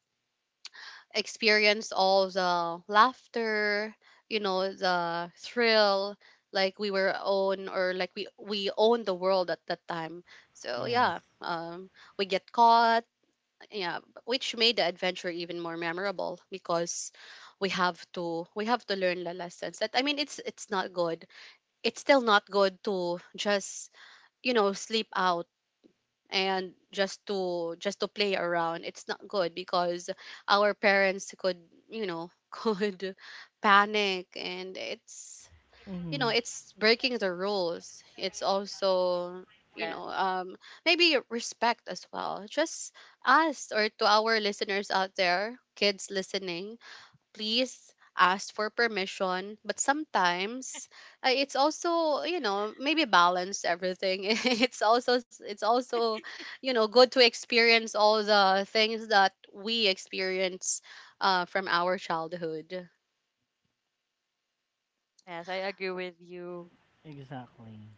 Speaker 1: experienced all the laughter, the thrill, like we were own, or like we owned the world at that time. So yeah,
Speaker 3: Yes.
Speaker 1: we get caught, yeah, which made the adventure even more memorable because we have to learn the lessons. That I mean, it's not good. It's still not good to just sleep out and just to, just to play around. It's not good because our parents could, could panic. And it's,
Speaker 3: Hmm.
Speaker 1: it's breaking the rules. It's also, you
Speaker 2: Yes,
Speaker 1: know um maybe respect as well, just us or to our listeners out there, kids listening, please ask for permission. But sometimes it's also, maybe balance everything. It's also, good to experience all the things that we experience from our childhood.
Speaker 2: yes, I agree with you.
Speaker 3: Exactly.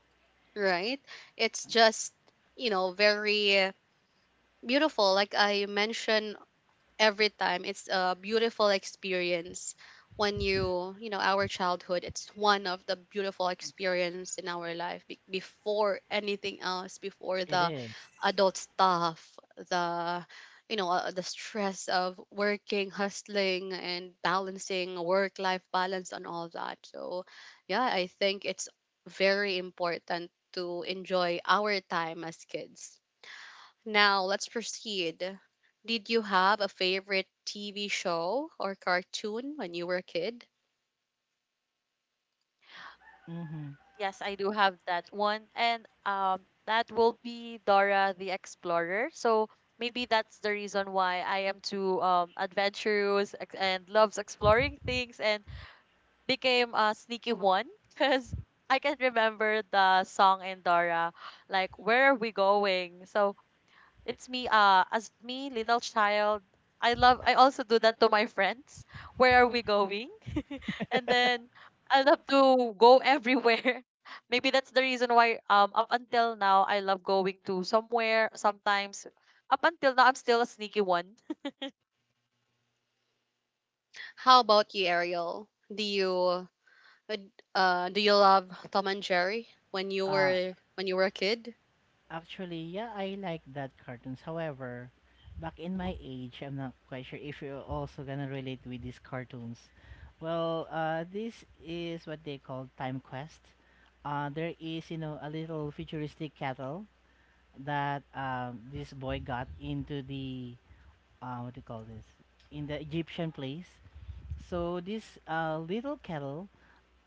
Speaker 1: Right, it's just, very beautiful. Like I mentioned every time, it's a beautiful experience when you, our childhood, it's one of the beautiful experience in our life before anything else, before
Speaker 3: It
Speaker 1: the
Speaker 3: is.
Speaker 1: adult stuff, the, the stress of working, hustling and balancing work life balance and all that. So yeah, I think it's very important to enjoy our time as kids. Now let's proceed. Did you have a favorite TV show or cartoon when you were a kid?
Speaker 3: Mm-hmm.
Speaker 2: Yes, I do have that one. And that will be Dora the Explorer. So maybe that's the reason why I am too adventurous and loves exploring things, and became a sneaky one, because I can remember the song in Dora, like, where are we going? So it's me, as me, little child. I also do that to my friends. Where are we going? And then I love to go everywhere. Maybe that's the reason why, up until now, I love going to somewhere. Sometimes, up until now, I'm still a sneaky one.
Speaker 1: How about you, Ariel? Do you uh, do you love Tom and Jerry when you
Speaker 3: Uh,
Speaker 1: were, when you were a kid?
Speaker 3: Actually, yeah, I like that cartoons. However, back in my age, I'm not quite sure if you're also gonna relate with these cartoons. Well, this is what they call Time Quest. There is, you know, a little futuristic cattle that this boy got into the, what do you call this, in the Egyptian place. So this little cattle,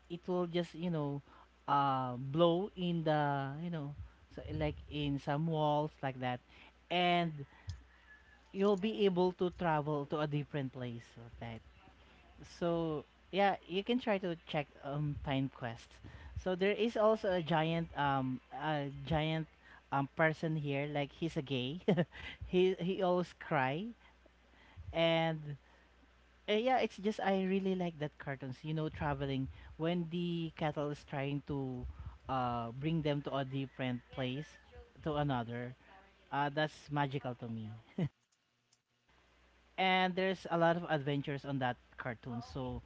Speaker 3: it will just, you know, blow in the, you know, so like in some walls like that. And you'll be able to travel to a different place like that. So yeah, you can try to check Time Quest. So there is also a giant person here, like he's a gay. He always cry. And yeah, it's just I really like that cartoons. You know, traveling when the cattle is trying to bring them to a different place to another. That's magical to me. And there's a lot of adventures on that cartoon. So,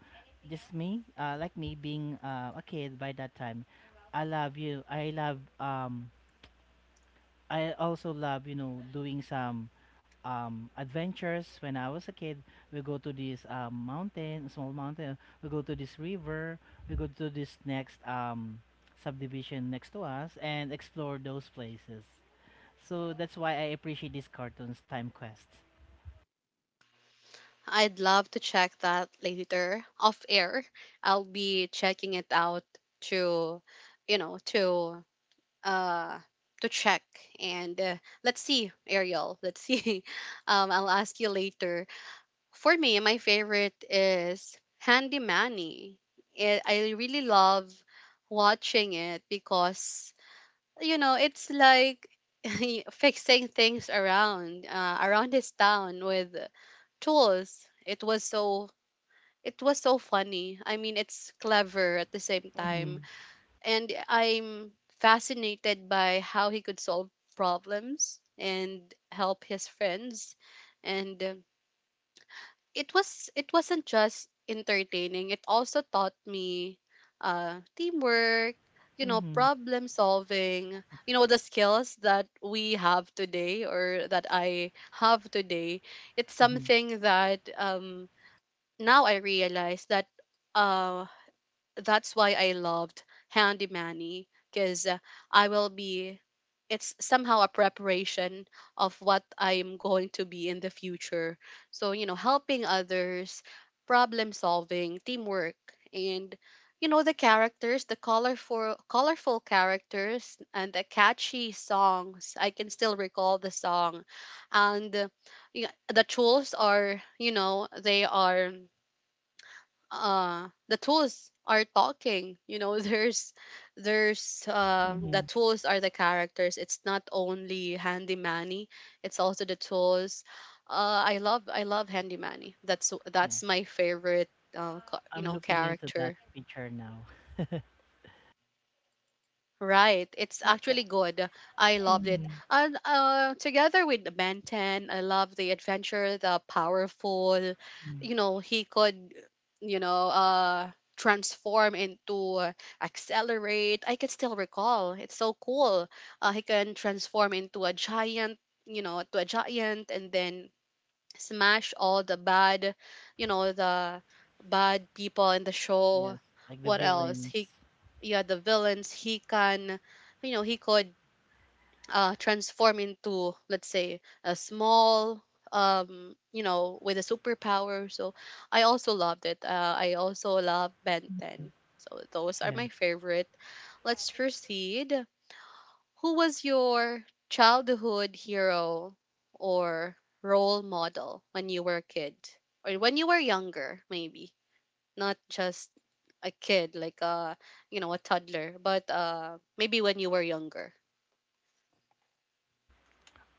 Speaker 3: just me, like me being a kid by that time, I love you. I love um I also love, you know, doing some adventures. When I was a kid, we go to this mountain, small mountain. We go to this river. We go to this next subdivision next to us and explore those places. So that's why I appreciate these cartoons, Time Quest.
Speaker 1: I'd love to check that later off air. I'll be checking it out to, you know, to uh to check. And let's see, Ariel. Let's see. I'll ask you later. For me, my favorite is Handy Manny. It, I really love watching it because it's like fixing things around around his town with tools. It was so, it was so funny. I mean, it's clever at the same time,
Speaker 3: Mhm.
Speaker 1: and I'm fascinated by how he could solve problems and help his friends. And it was, it wasn't just entertaining, it also taught me teamwork,
Speaker 3: Mhm.
Speaker 1: problem solving, the skills that we have today or that I have today. It's
Speaker 3: Mhm.
Speaker 1: something that now I realize that uh that's why I loved Handy Manny, because I will be it's somehow a preparation of what I'm going to be in the future. So, helping others, problem solving, teamwork, and the characters, the colorful characters and the catchy songs. I can still recall the song. And y- the tools are, they are, the tools are talking, there's, the
Speaker 3: Mhm.
Speaker 1: tools are the characters. It's not only Handy Manny, it's also the tools. I love, I love Handy Manny. that's
Speaker 3: Yeah,
Speaker 1: that's my favorite
Speaker 3: I'm looking into that
Speaker 1: character.
Speaker 3: picture now.
Speaker 1: Right, it's
Speaker 3: Yeah.
Speaker 1: actually good. I
Speaker 3: Yeah.
Speaker 1: loved it.
Speaker 3: Mhm.
Speaker 1: And together with the Ben 10, I love the adventure, the powerful.
Speaker 3: Mhm.
Speaker 1: You know, he could, you know, uh, transform into accelerate. I can still recall. It's so cool. He can transform into a giant, to a giant, and then smash all the bad, the bad people in the show.
Speaker 3: Yes, like the
Speaker 1: What else?
Speaker 3: villains.
Speaker 1: He, yeah, the villains. He can, he could transform into, let's say, a small, with a superpower. So I also loved it. I also love Ben 10. So those are
Speaker 3: Yeah.
Speaker 1: my favorite. Let's proceed. Who was your childhood hero or role model when you were a kid? Or when you were younger, maybe? Not just a kid, like a toddler, but maybe when you were younger.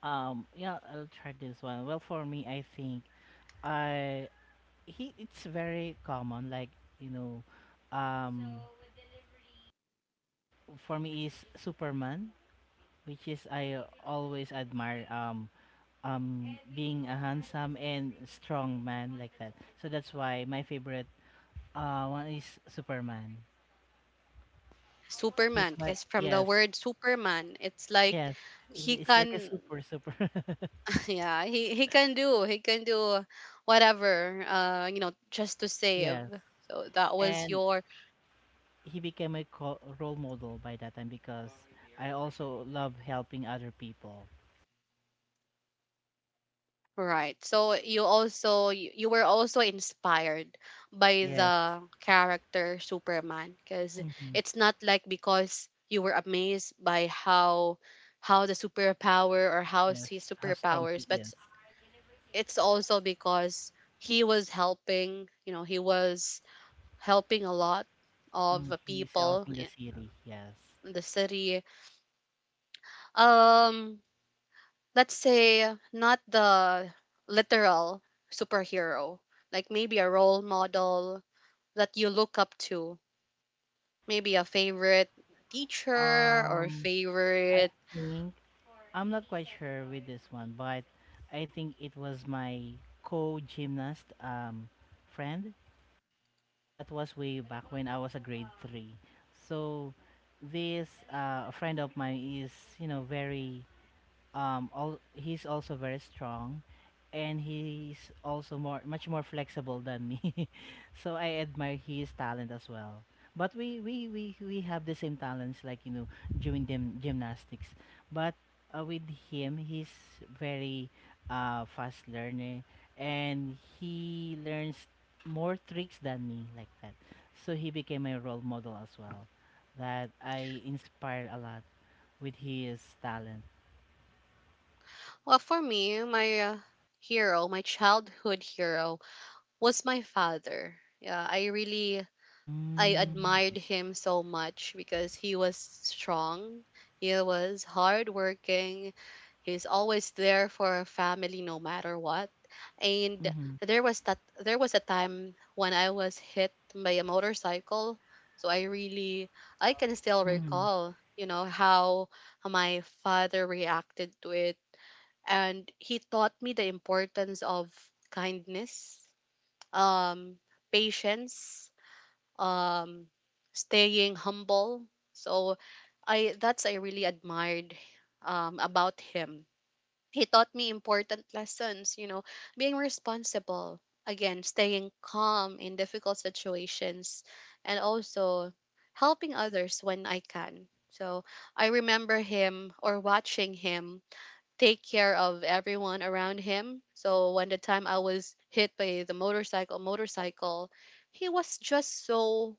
Speaker 3: Yeah, I'll try this one. Well, for me, I think I he it's very common. Like you know, um, for me is Superman, which is I always admire. Being a handsome and strong man like that. So that's why my favorite one is Superman. He's
Speaker 1: Superman,
Speaker 3: my,
Speaker 1: because from the
Speaker 3: yes,
Speaker 1: word Superman, it's like
Speaker 3: yes.
Speaker 1: he
Speaker 3: It's like a
Speaker 1: can
Speaker 3: super super.
Speaker 1: yeah, he, he can do whatever, just to save.
Speaker 3: Yes.
Speaker 1: So that was
Speaker 3: And
Speaker 1: your,
Speaker 3: he became a role model by that time because I also love helping other people.
Speaker 1: right. So you also, you were also inspired by
Speaker 3: Yes.
Speaker 1: the character Superman, because
Speaker 3: Hmm.
Speaker 1: it's not like because you were amazed by how the superpower or how
Speaker 3: Yes.
Speaker 1: his
Speaker 3: How strong he
Speaker 1: superpowers, but
Speaker 3: is.
Speaker 1: it's also because he was helping, he was helping a lot of
Speaker 3: Mm, he is
Speaker 1: people
Speaker 3: helping the
Speaker 1: in
Speaker 3: city. Yes.
Speaker 1: the city. Um, let's say not the literal superhero, like maybe a role model that you look up to, maybe a favorite teacher or
Speaker 3: Um, I
Speaker 1: favorite.
Speaker 3: think I'm not quite sure with this one, but I think it was my co-gymnast friend. That was way back when I was a grade three. So this friend of mine is, you know, very all he's also very strong, and he's also more much more flexible than me, so I admire his talent as well. But we have the same talents, like, you know, doing them gymnastics. But with him, he's very fast learner, and he learns more tricks than me, like that. So he became my role model as well, that I inspired a lot with his talent.
Speaker 1: Well, for me, my hero, my childhood hero was my father. Yeah, I really, I
Speaker 3: Mm, I
Speaker 1: admired
Speaker 3: see.
Speaker 1: him so much because he was strong, he was hardworking, he's always there for our family no matter what. And
Speaker 3: Mhm,
Speaker 1: there was that, there was a time when I was hit by a motorcycle. So I really, I can still
Speaker 3: mhm,
Speaker 1: recall, how my father reacted to it. And he taught me the importance of kindness, um, patience, um staying humble. So I, that's, I really admired about him. He taught me important lessons, being responsible, again, staying calm in difficult situations, and also helping others when I can. So I remember him or watching him take care of everyone around him. So when the time I was hit by the motorcycle, he was just so,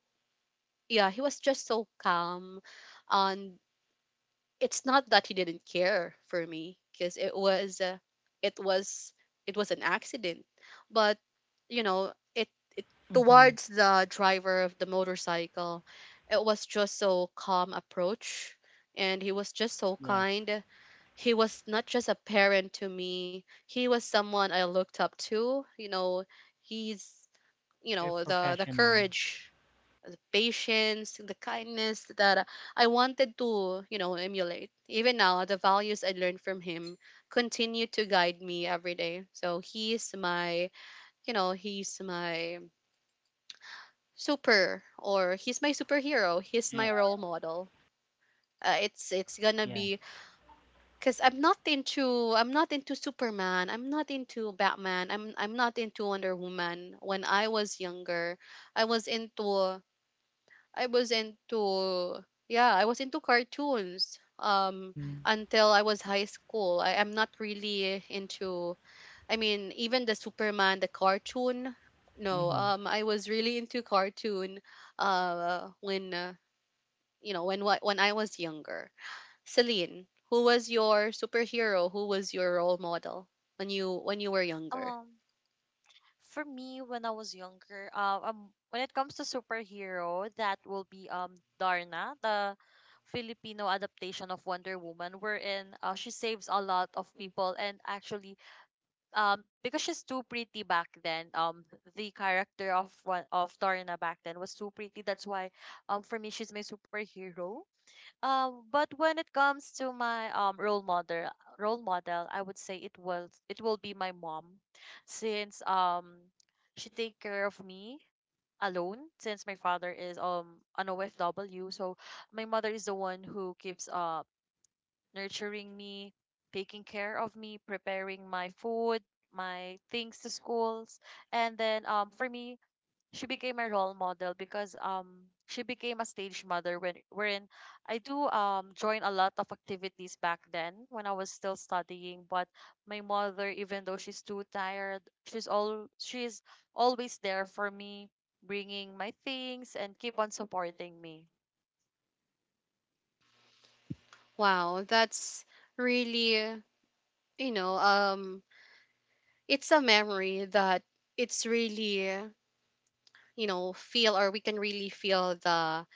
Speaker 1: yeah, he was just so calm. And it's not that he didn't care for me, because it was it was it was an accident. But you know, it it
Speaker 3: mhm.
Speaker 1: towards the driver of the motorcycle, it was just so calm approach, and he was just so
Speaker 3: Yes,
Speaker 1: kind. He was not just a parent to me. He was someone I looked up to. You know, he's,
Speaker 3: very
Speaker 1: the,
Speaker 3: professional.
Speaker 1: courage, the patience, the kindness that I wanted to, emulate. Even now, the values I learned from him continue to guide me every day. So he's my, he's my super, or he's my superhero. He's
Speaker 3: Eh,
Speaker 1: my role model. It's gonna
Speaker 3: yeah.
Speaker 1: be because I'm not into, Superman. I'm not into Batman. I'm not into Wonder Woman. When I was younger, I was into, I was into, yeah, I was into cartoons
Speaker 3: Mhm,
Speaker 1: until I was high school. I am not really into, I mean, even the Superman, the cartoon. No,
Speaker 3: mhm,
Speaker 1: I was really into cartoon when when when I was younger. Celine, who was your superhero? Who was your role model when you, when you were younger?
Speaker 2: um, For me, when I was younger, when it comes to superhero, that will be Darna, the Filipino adaptation of Wonder Woman, wherein she saves a lot of people, and actually, because she's too pretty back then, the character of one of Darna back then was too pretty. That's why, for me, she's my superhero. Um, but when it comes to my role model, I would say it will be my mom, since she take care of me alone, since my father is an OFW. So my mother is the one who keeps nurturing me, taking care of me, preparing my food, my things to schools, and then for me, she became a role model because she became a stage mother when wherein I do join a lot of activities back then when I was still studying, but my mother, even though she's too tired, she's always there for me, bringing my things and keep on supporting me.
Speaker 1: Wow, that's really, you know um it's a memory that, it's really, feel, or we can really feel the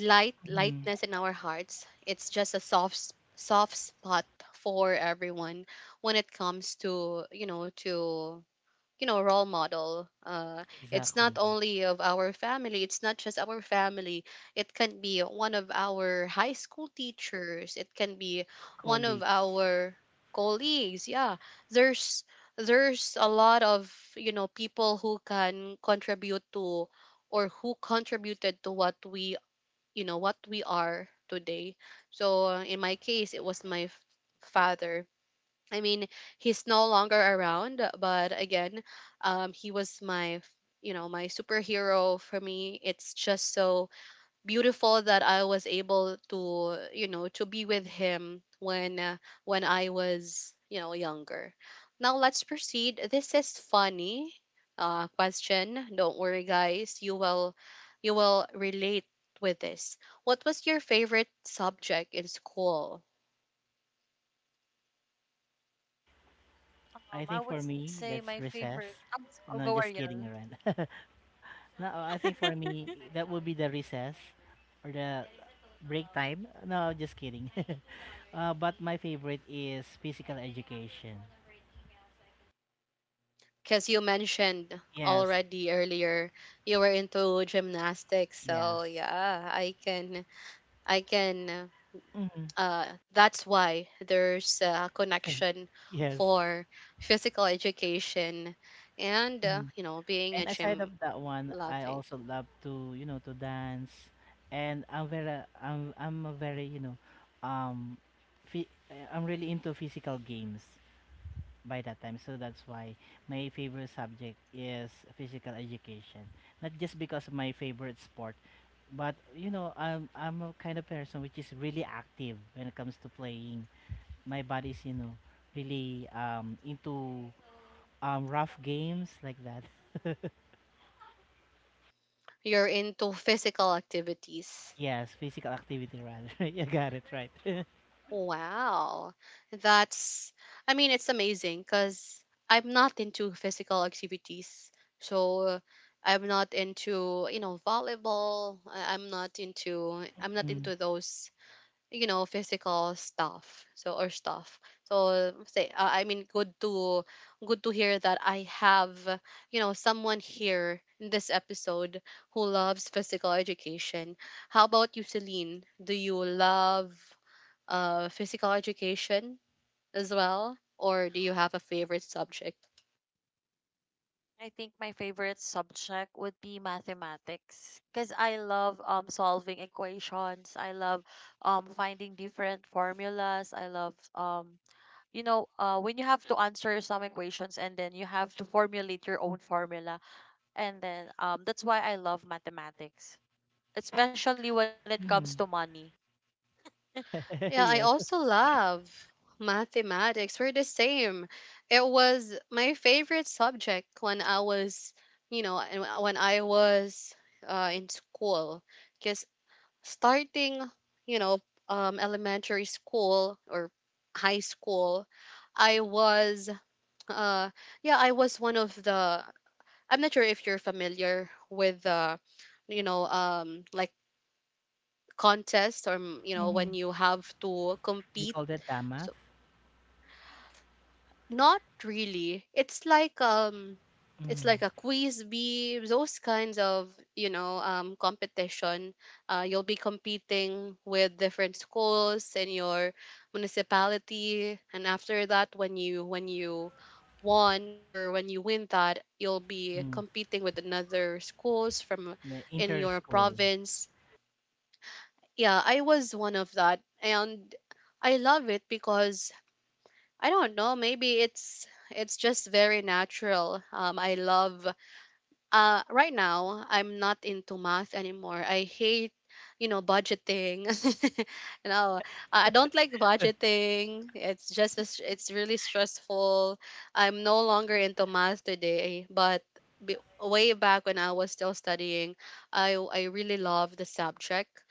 Speaker 3: mhm.
Speaker 1: lightness in our hearts. It's just a soft soft spot for everyone when it comes to, role model. It's not
Speaker 3: Exactly.
Speaker 1: only of our family, it's not just our family, it can be one of our high school teachers, it can be one of
Speaker 3: Colleagues.
Speaker 1: our colleagues. Yeah, there's there's a lot of, people who can contribute to, or who contributed to what we, what we are today. So in my case, it was my father. I mean, he's no longer around, but again, he was my, my superhero. For me, it's just so beautiful that I was able to, to be with him when I was, younger. Now let's proceed. This is funny question. Don't worry, guys. You will relate with this. What was your favorite subject in school?
Speaker 3: I
Speaker 2: I
Speaker 3: think for
Speaker 2: would say
Speaker 3: me,
Speaker 2: my
Speaker 3: that's
Speaker 2: favorite,
Speaker 3: recess.
Speaker 2: oh, go
Speaker 3: No, just
Speaker 2: Ariel.
Speaker 3: kidding around. No, I think for me, that would be the recess or the break time. No, just kidding. But my favorite is physical education.
Speaker 1: Because you mentioned
Speaker 3: Yes,
Speaker 1: already earlier you were into gymnastics, so
Speaker 3: yes.
Speaker 1: yeah, I can, I can
Speaker 3: Mhm,
Speaker 1: uh that's why there's a connection
Speaker 3: yes.
Speaker 1: for physical education. And being a
Speaker 3: And aside
Speaker 1: gym
Speaker 3: of that one, I
Speaker 1: loving,
Speaker 3: also love to, you know, to dance, and I'm a very, you know, um, phy- I'm really into physical games by that time. So that's why my favorite subject is physical education. Not just because of my favorite sport, but, you know, I'm a kind of person which is really active when it comes to playing. My body's, you know, really into rough games like that.
Speaker 1: you're into physical activities.
Speaker 3: Yes, physical activity rather. You got it right.
Speaker 1: Wow. That's, I mean, it's amazing because I'm not into physical activities. So I'm not into, volleyball. I'm not
Speaker 3: Mm.
Speaker 1: into those, physical stuff. So, or stuff. So, say, I mean, good to, good to hear that I have, someone here in this episode who loves physical education. How about you, Celine? Do you love physical education as well? Or do you have a favorite subject?
Speaker 2: I think my favorite subject would be mathematics because I love solving equations. I love finding different formulas. I love when you have to answer some equations, and then you have to formulate your own formula, and then that's why I love mathematics, especially when it comes to
Speaker 3: Mhm.
Speaker 2: money.
Speaker 1: Yeah, I
Speaker 3: Yes.
Speaker 1: also love mathematics. We're the same. It was my favorite subject when I was, and when I was in school. Because starting, you know, elementary school or high school, I was, uh, yeah, I was one of the I'm not sure if you're familiar with the, you know, um, like contests or
Speaker 3: Mhm.
Speaker 1: when you have to
Speaker 3: You
Speaker 1: compete.
Speaker 3: call that DAMAF?
Speaker 1: So Not really. It's
Speaker 3: Mm.
Speaker 1: like a quiz bee, those kinds of competition. You'll be competing with different schools in your municipality, and after that, when you won, or when you win that, you'll be
Speaker 3: Mm.
Speaker 1: competing with another schools from
Speaker 3: Yeah,
Speaker 1: in your
Speaker 3: inter-school.
Speaker 1: province. Yeah, I was one of that, and I love it because I don't know. Maybe it's just very natural. I love. Right now I'm not into math anymore. I hate, you know, budgeting. you know, I don't like budgeting. It's just a it's really stressful. I'm no longer into math today, but. Way back when I was still studying, I really loved the subject.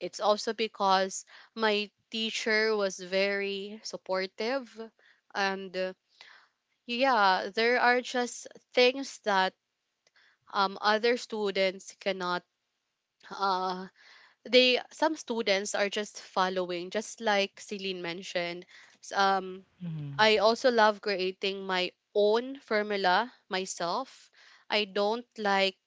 Speaker 1: It's also because my teacher was very supportive and yeah, there are just things that other students cannot uh they some students are just following, just like Celine mentioned. S- Um
Speaker 3: Mhm.
Speaker 1: I also love creating my own formula myself. I don't like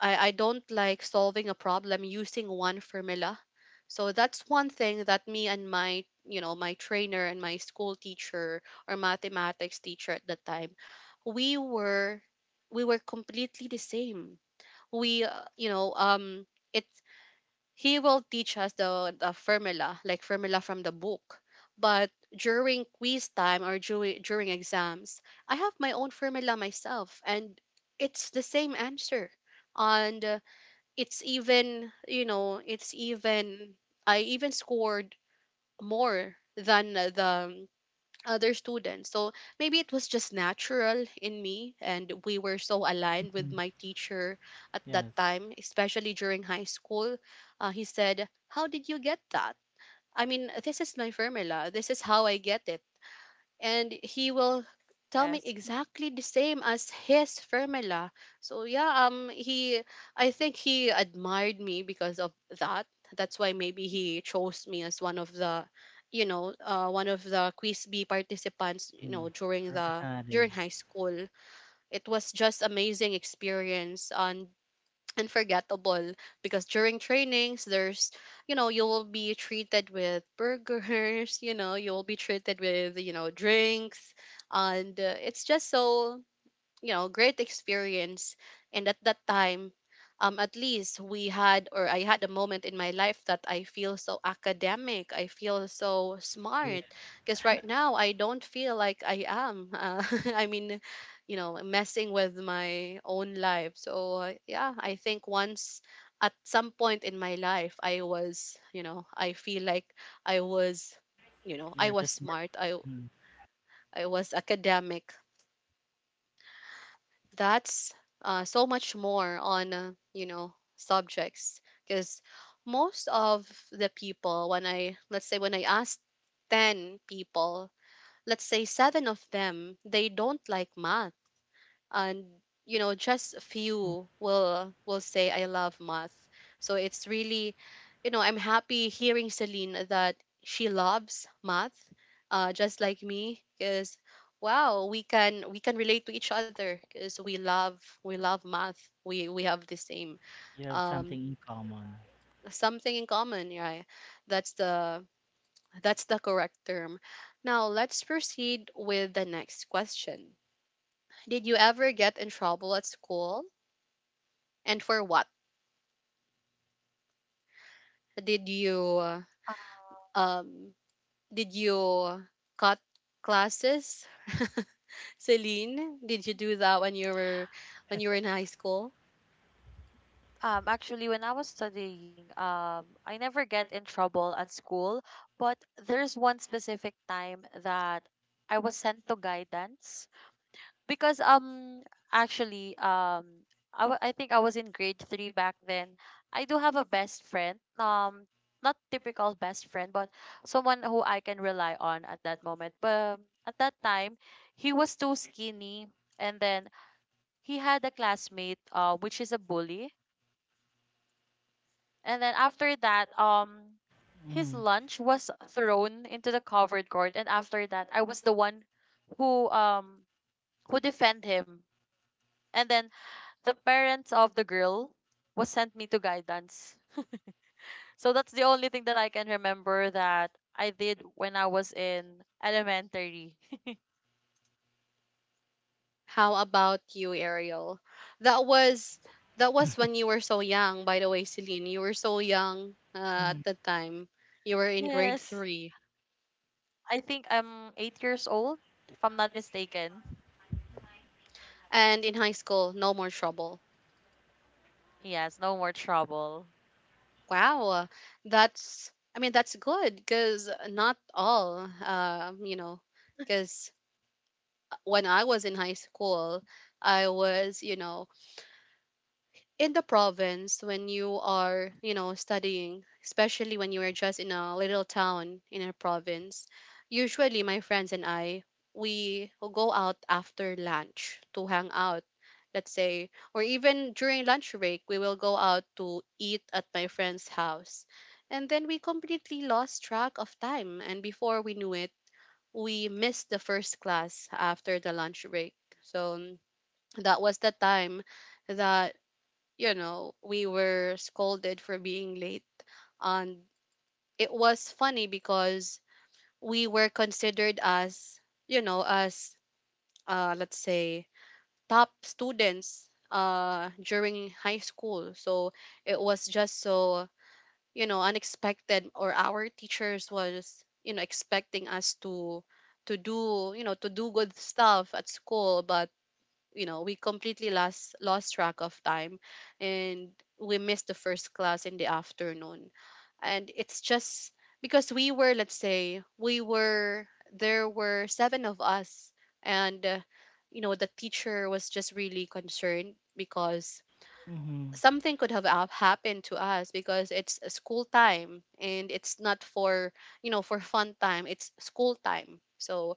Speaker 1: I don't like solving a problem using one formula. So that's one thing that me and my my trainer and my school teacher or mathematics teacher at the time, we were we were completely the same. We, it's he will teach us the formula, like formula from the book. But during quiz time, or during exams, I have my own formula myself, and it's the same answer. And it's even, you know, it's even I even scored more than the other students. So maybe it was just natural in me, and we were so aligned with my teacher at that
Speaker 3: Yes.
Speaker 1: time, especially during high school. He said, how did you get that? I mean, this is my formula, this is how I get it. And he will tell me
Speaker 2: Yes.
Speaker 1: exactly the same as his formula. So yeah, he I think he admired me because of that. That's why maybe he chose me as one of the one of the quiz B participants, you know,
Speaker 3: Mm.
Speaker 1: during the during
Speaker 3: Representative.
Speaker 1: high school. It was just amazing experience and forgettable because during trainings there's, you know, you will be treated with burgers you know, you will be treated with, you know, drinks and it's just so, you know, great experience. And at that time, at least we had, or I had a moment in my life that I feel so academic, I feel so
Speaker 3: Yeah,
Speaker 1: smart. Because right now I don't feel like I am, I mean, you know, messing with my own life, so yeah, I think once at some point in my life, I was, you know, I feel like I was, you know, I
Speaker 3: you're
Speaker 1: was
Speaker 3: the smart
Speaker 1: smart. i
Speaker 3: one. Mm.
Speaker 1: i was academic. That's so much more on you know, subjects. Because most of the people, when I, let's say, when I asked 10 people, let's say 7 of them, they don't like math. And, you know, just a few will say I love math. So it's really, you know, I'm happy hearing Celine that she loves math, just like me. Because wow, we can relate to each other because we love math. We have the same
Speaker 3: You have
Speaker 1: um
Speaker 3: something in common.
Speaker 1: something in common, right? That's the that's the correct term. Now let's proceed with the next question. Did you ever get in trouble at school? And for what? Did you um did you cut classes? Celine, did you do that when you were in high school?
Speaker 2: Actually, when I was studying, I never get in trouble at school, but there's one specific time that I was sent to guidance because actually I think I was in grade 3 back then. I do have a best friend, not typical best friend, but someone who I can rely on at that moment. But at that time, he was too skinny, and then he had a classmate, which is a bully. And then after that, his
Speaker 3: Mhm.
Speaker 2: lunch was thrown into the covered court. And after that, I was the one who um who defend him. And then the parents of the girl was sent me to guidance. So that's the only thing that I can remember that I did when I was in elementary.
Speaker 1: How about you, Ariel? That was that was when you were so young, by the way, Celine. You were so young at
Speaker 3: Mhm.
Speaker 1: the time. You were in grade
Speaker 2: Yes,
Speaker 1: 3,
Speaker 2: I think I'm 8 years old, if I'm not mistaken.
Speaker 1: and in high school, no more trouble.
Speaker 2: Yes, no more trouble.
Speaker 1: Wow. That's I mean, that's good because not all, you know, because when I was in high school, I was, you know, in the province. When you are, you know, studying, especially when you are just in a little town in a province. Usually, my friends and I, we go out after lunch to hang out, let's say, or even during lunch break, we will go out to eat at my friend's house. And then we completely lost track of time. And before we knew it, we missed the first class after the lunch break. So that was the time that, you know, we were scolded for being late. And it was funny because we were considered as, you know, as, let's say, top students during high school. So it was just so, you know, unexpected. Or our teachers was, you know, expecting us to do, you know, to do good stuff at school. But you know, we completely lost track of time. And we missed the first class in the afternoon. And it's just because we were, let's say, we were there were 7 of us. And you know, the teacher was just really concerned because
Speaker 3: Mhm.
Speaker 1: something could have happened to us because it's a school time, and it's not for, you know, for fun time. It's school time. So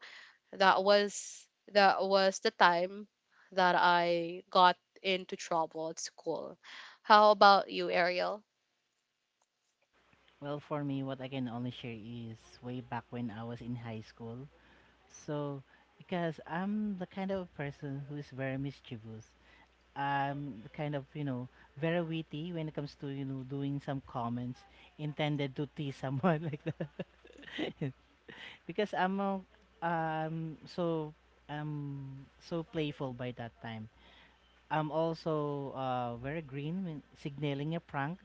Speaker 1: that was that was the time that I got into trouble at school. How about you, Ariel?
Speaker 3: Well, for me, what I can only share is way back when I was in high school. So, because I'm the kind of person who is very mischievous, kind of, you know, very witty when it comes to, you know, doing some comments intended to tease someone like that. Because I'm so so playful by that time. I'm also very green when signaling a prank,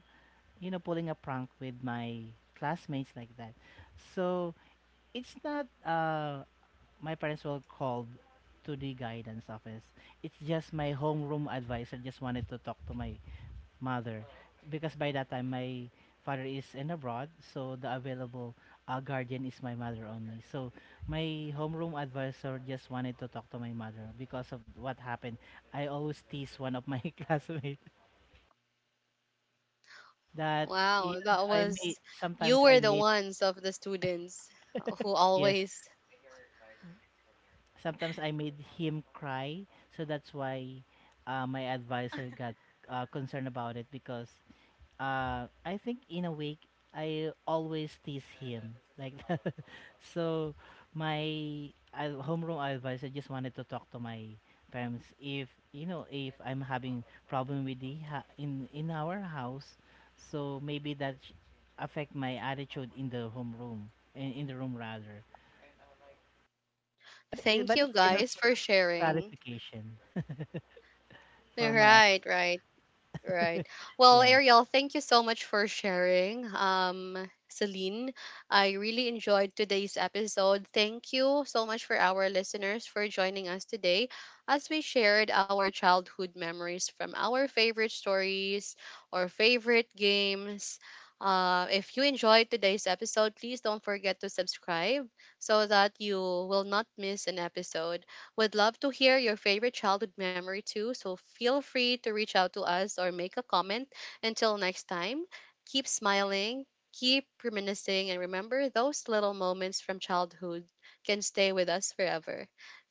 Speaker 3: you know, pulling a prank with my classmates like that. So it's not my parents were called to the guidance office. It's just my homeroom advisor just wanted to talk to my mother, because by that time my father is in abroad, so the available guardian is my mother only. So my homeroom advisor just wanted to talk to my mother because of what happened. I always tease one of my classmates. That
Speaker 1: Wow,
Speaker 3: yun,
Speaker 1: that
Speaker 3: I
Speaker 1: was
Speaker 3: made
Speaker 1: you
Speaker 3: sometimes I
Speaker 1: were the
Speaker 3: made
Speaker 1: ones of the students who
Speaker 3: yes,
Speaker 1: always
Speaker 3: sometimes I made him cry. So that's why my advisor got concerned about it, because I think in a week I always tease him like that. So my homeroom advisor just wanted to talk to my parents, if, you know, if I'm having problem with the in our house, so maybe that affect my attitude in the homeroom, in the room rather. But
Speaker 1: thank
Speaker 3: but it's
Speaker 1: you
Speaker 3: just a
Speaker 1: guys
Speaker 3: sort
Speaker 1: for
Speaker 3: of
Speaker 1: sharing
Speaker 3: clarification for my
Speaker 1: right right right. Well,
Speaker 3: yeah.
Speaker 1: Ariel, thank you so much for sharing. Celine, I really enjoyed today's episode. Thank you so much for our listeners for joining us today as we shared our childhood memories from our favorite stories or favorite games. If you enjoyed today's episode, please don't forget to subscribe so that you will not miss an episode. We'd love to hear your favorite childhood memory too, so feel free to reach out to us or make a comment. Until next time, keep smiling, keep reminiscing, and remember those little moments from childhood can stay with us forever.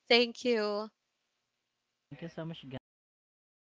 Speaker 1: Thank you.
Speaker 3: Thank you so much, guys, and.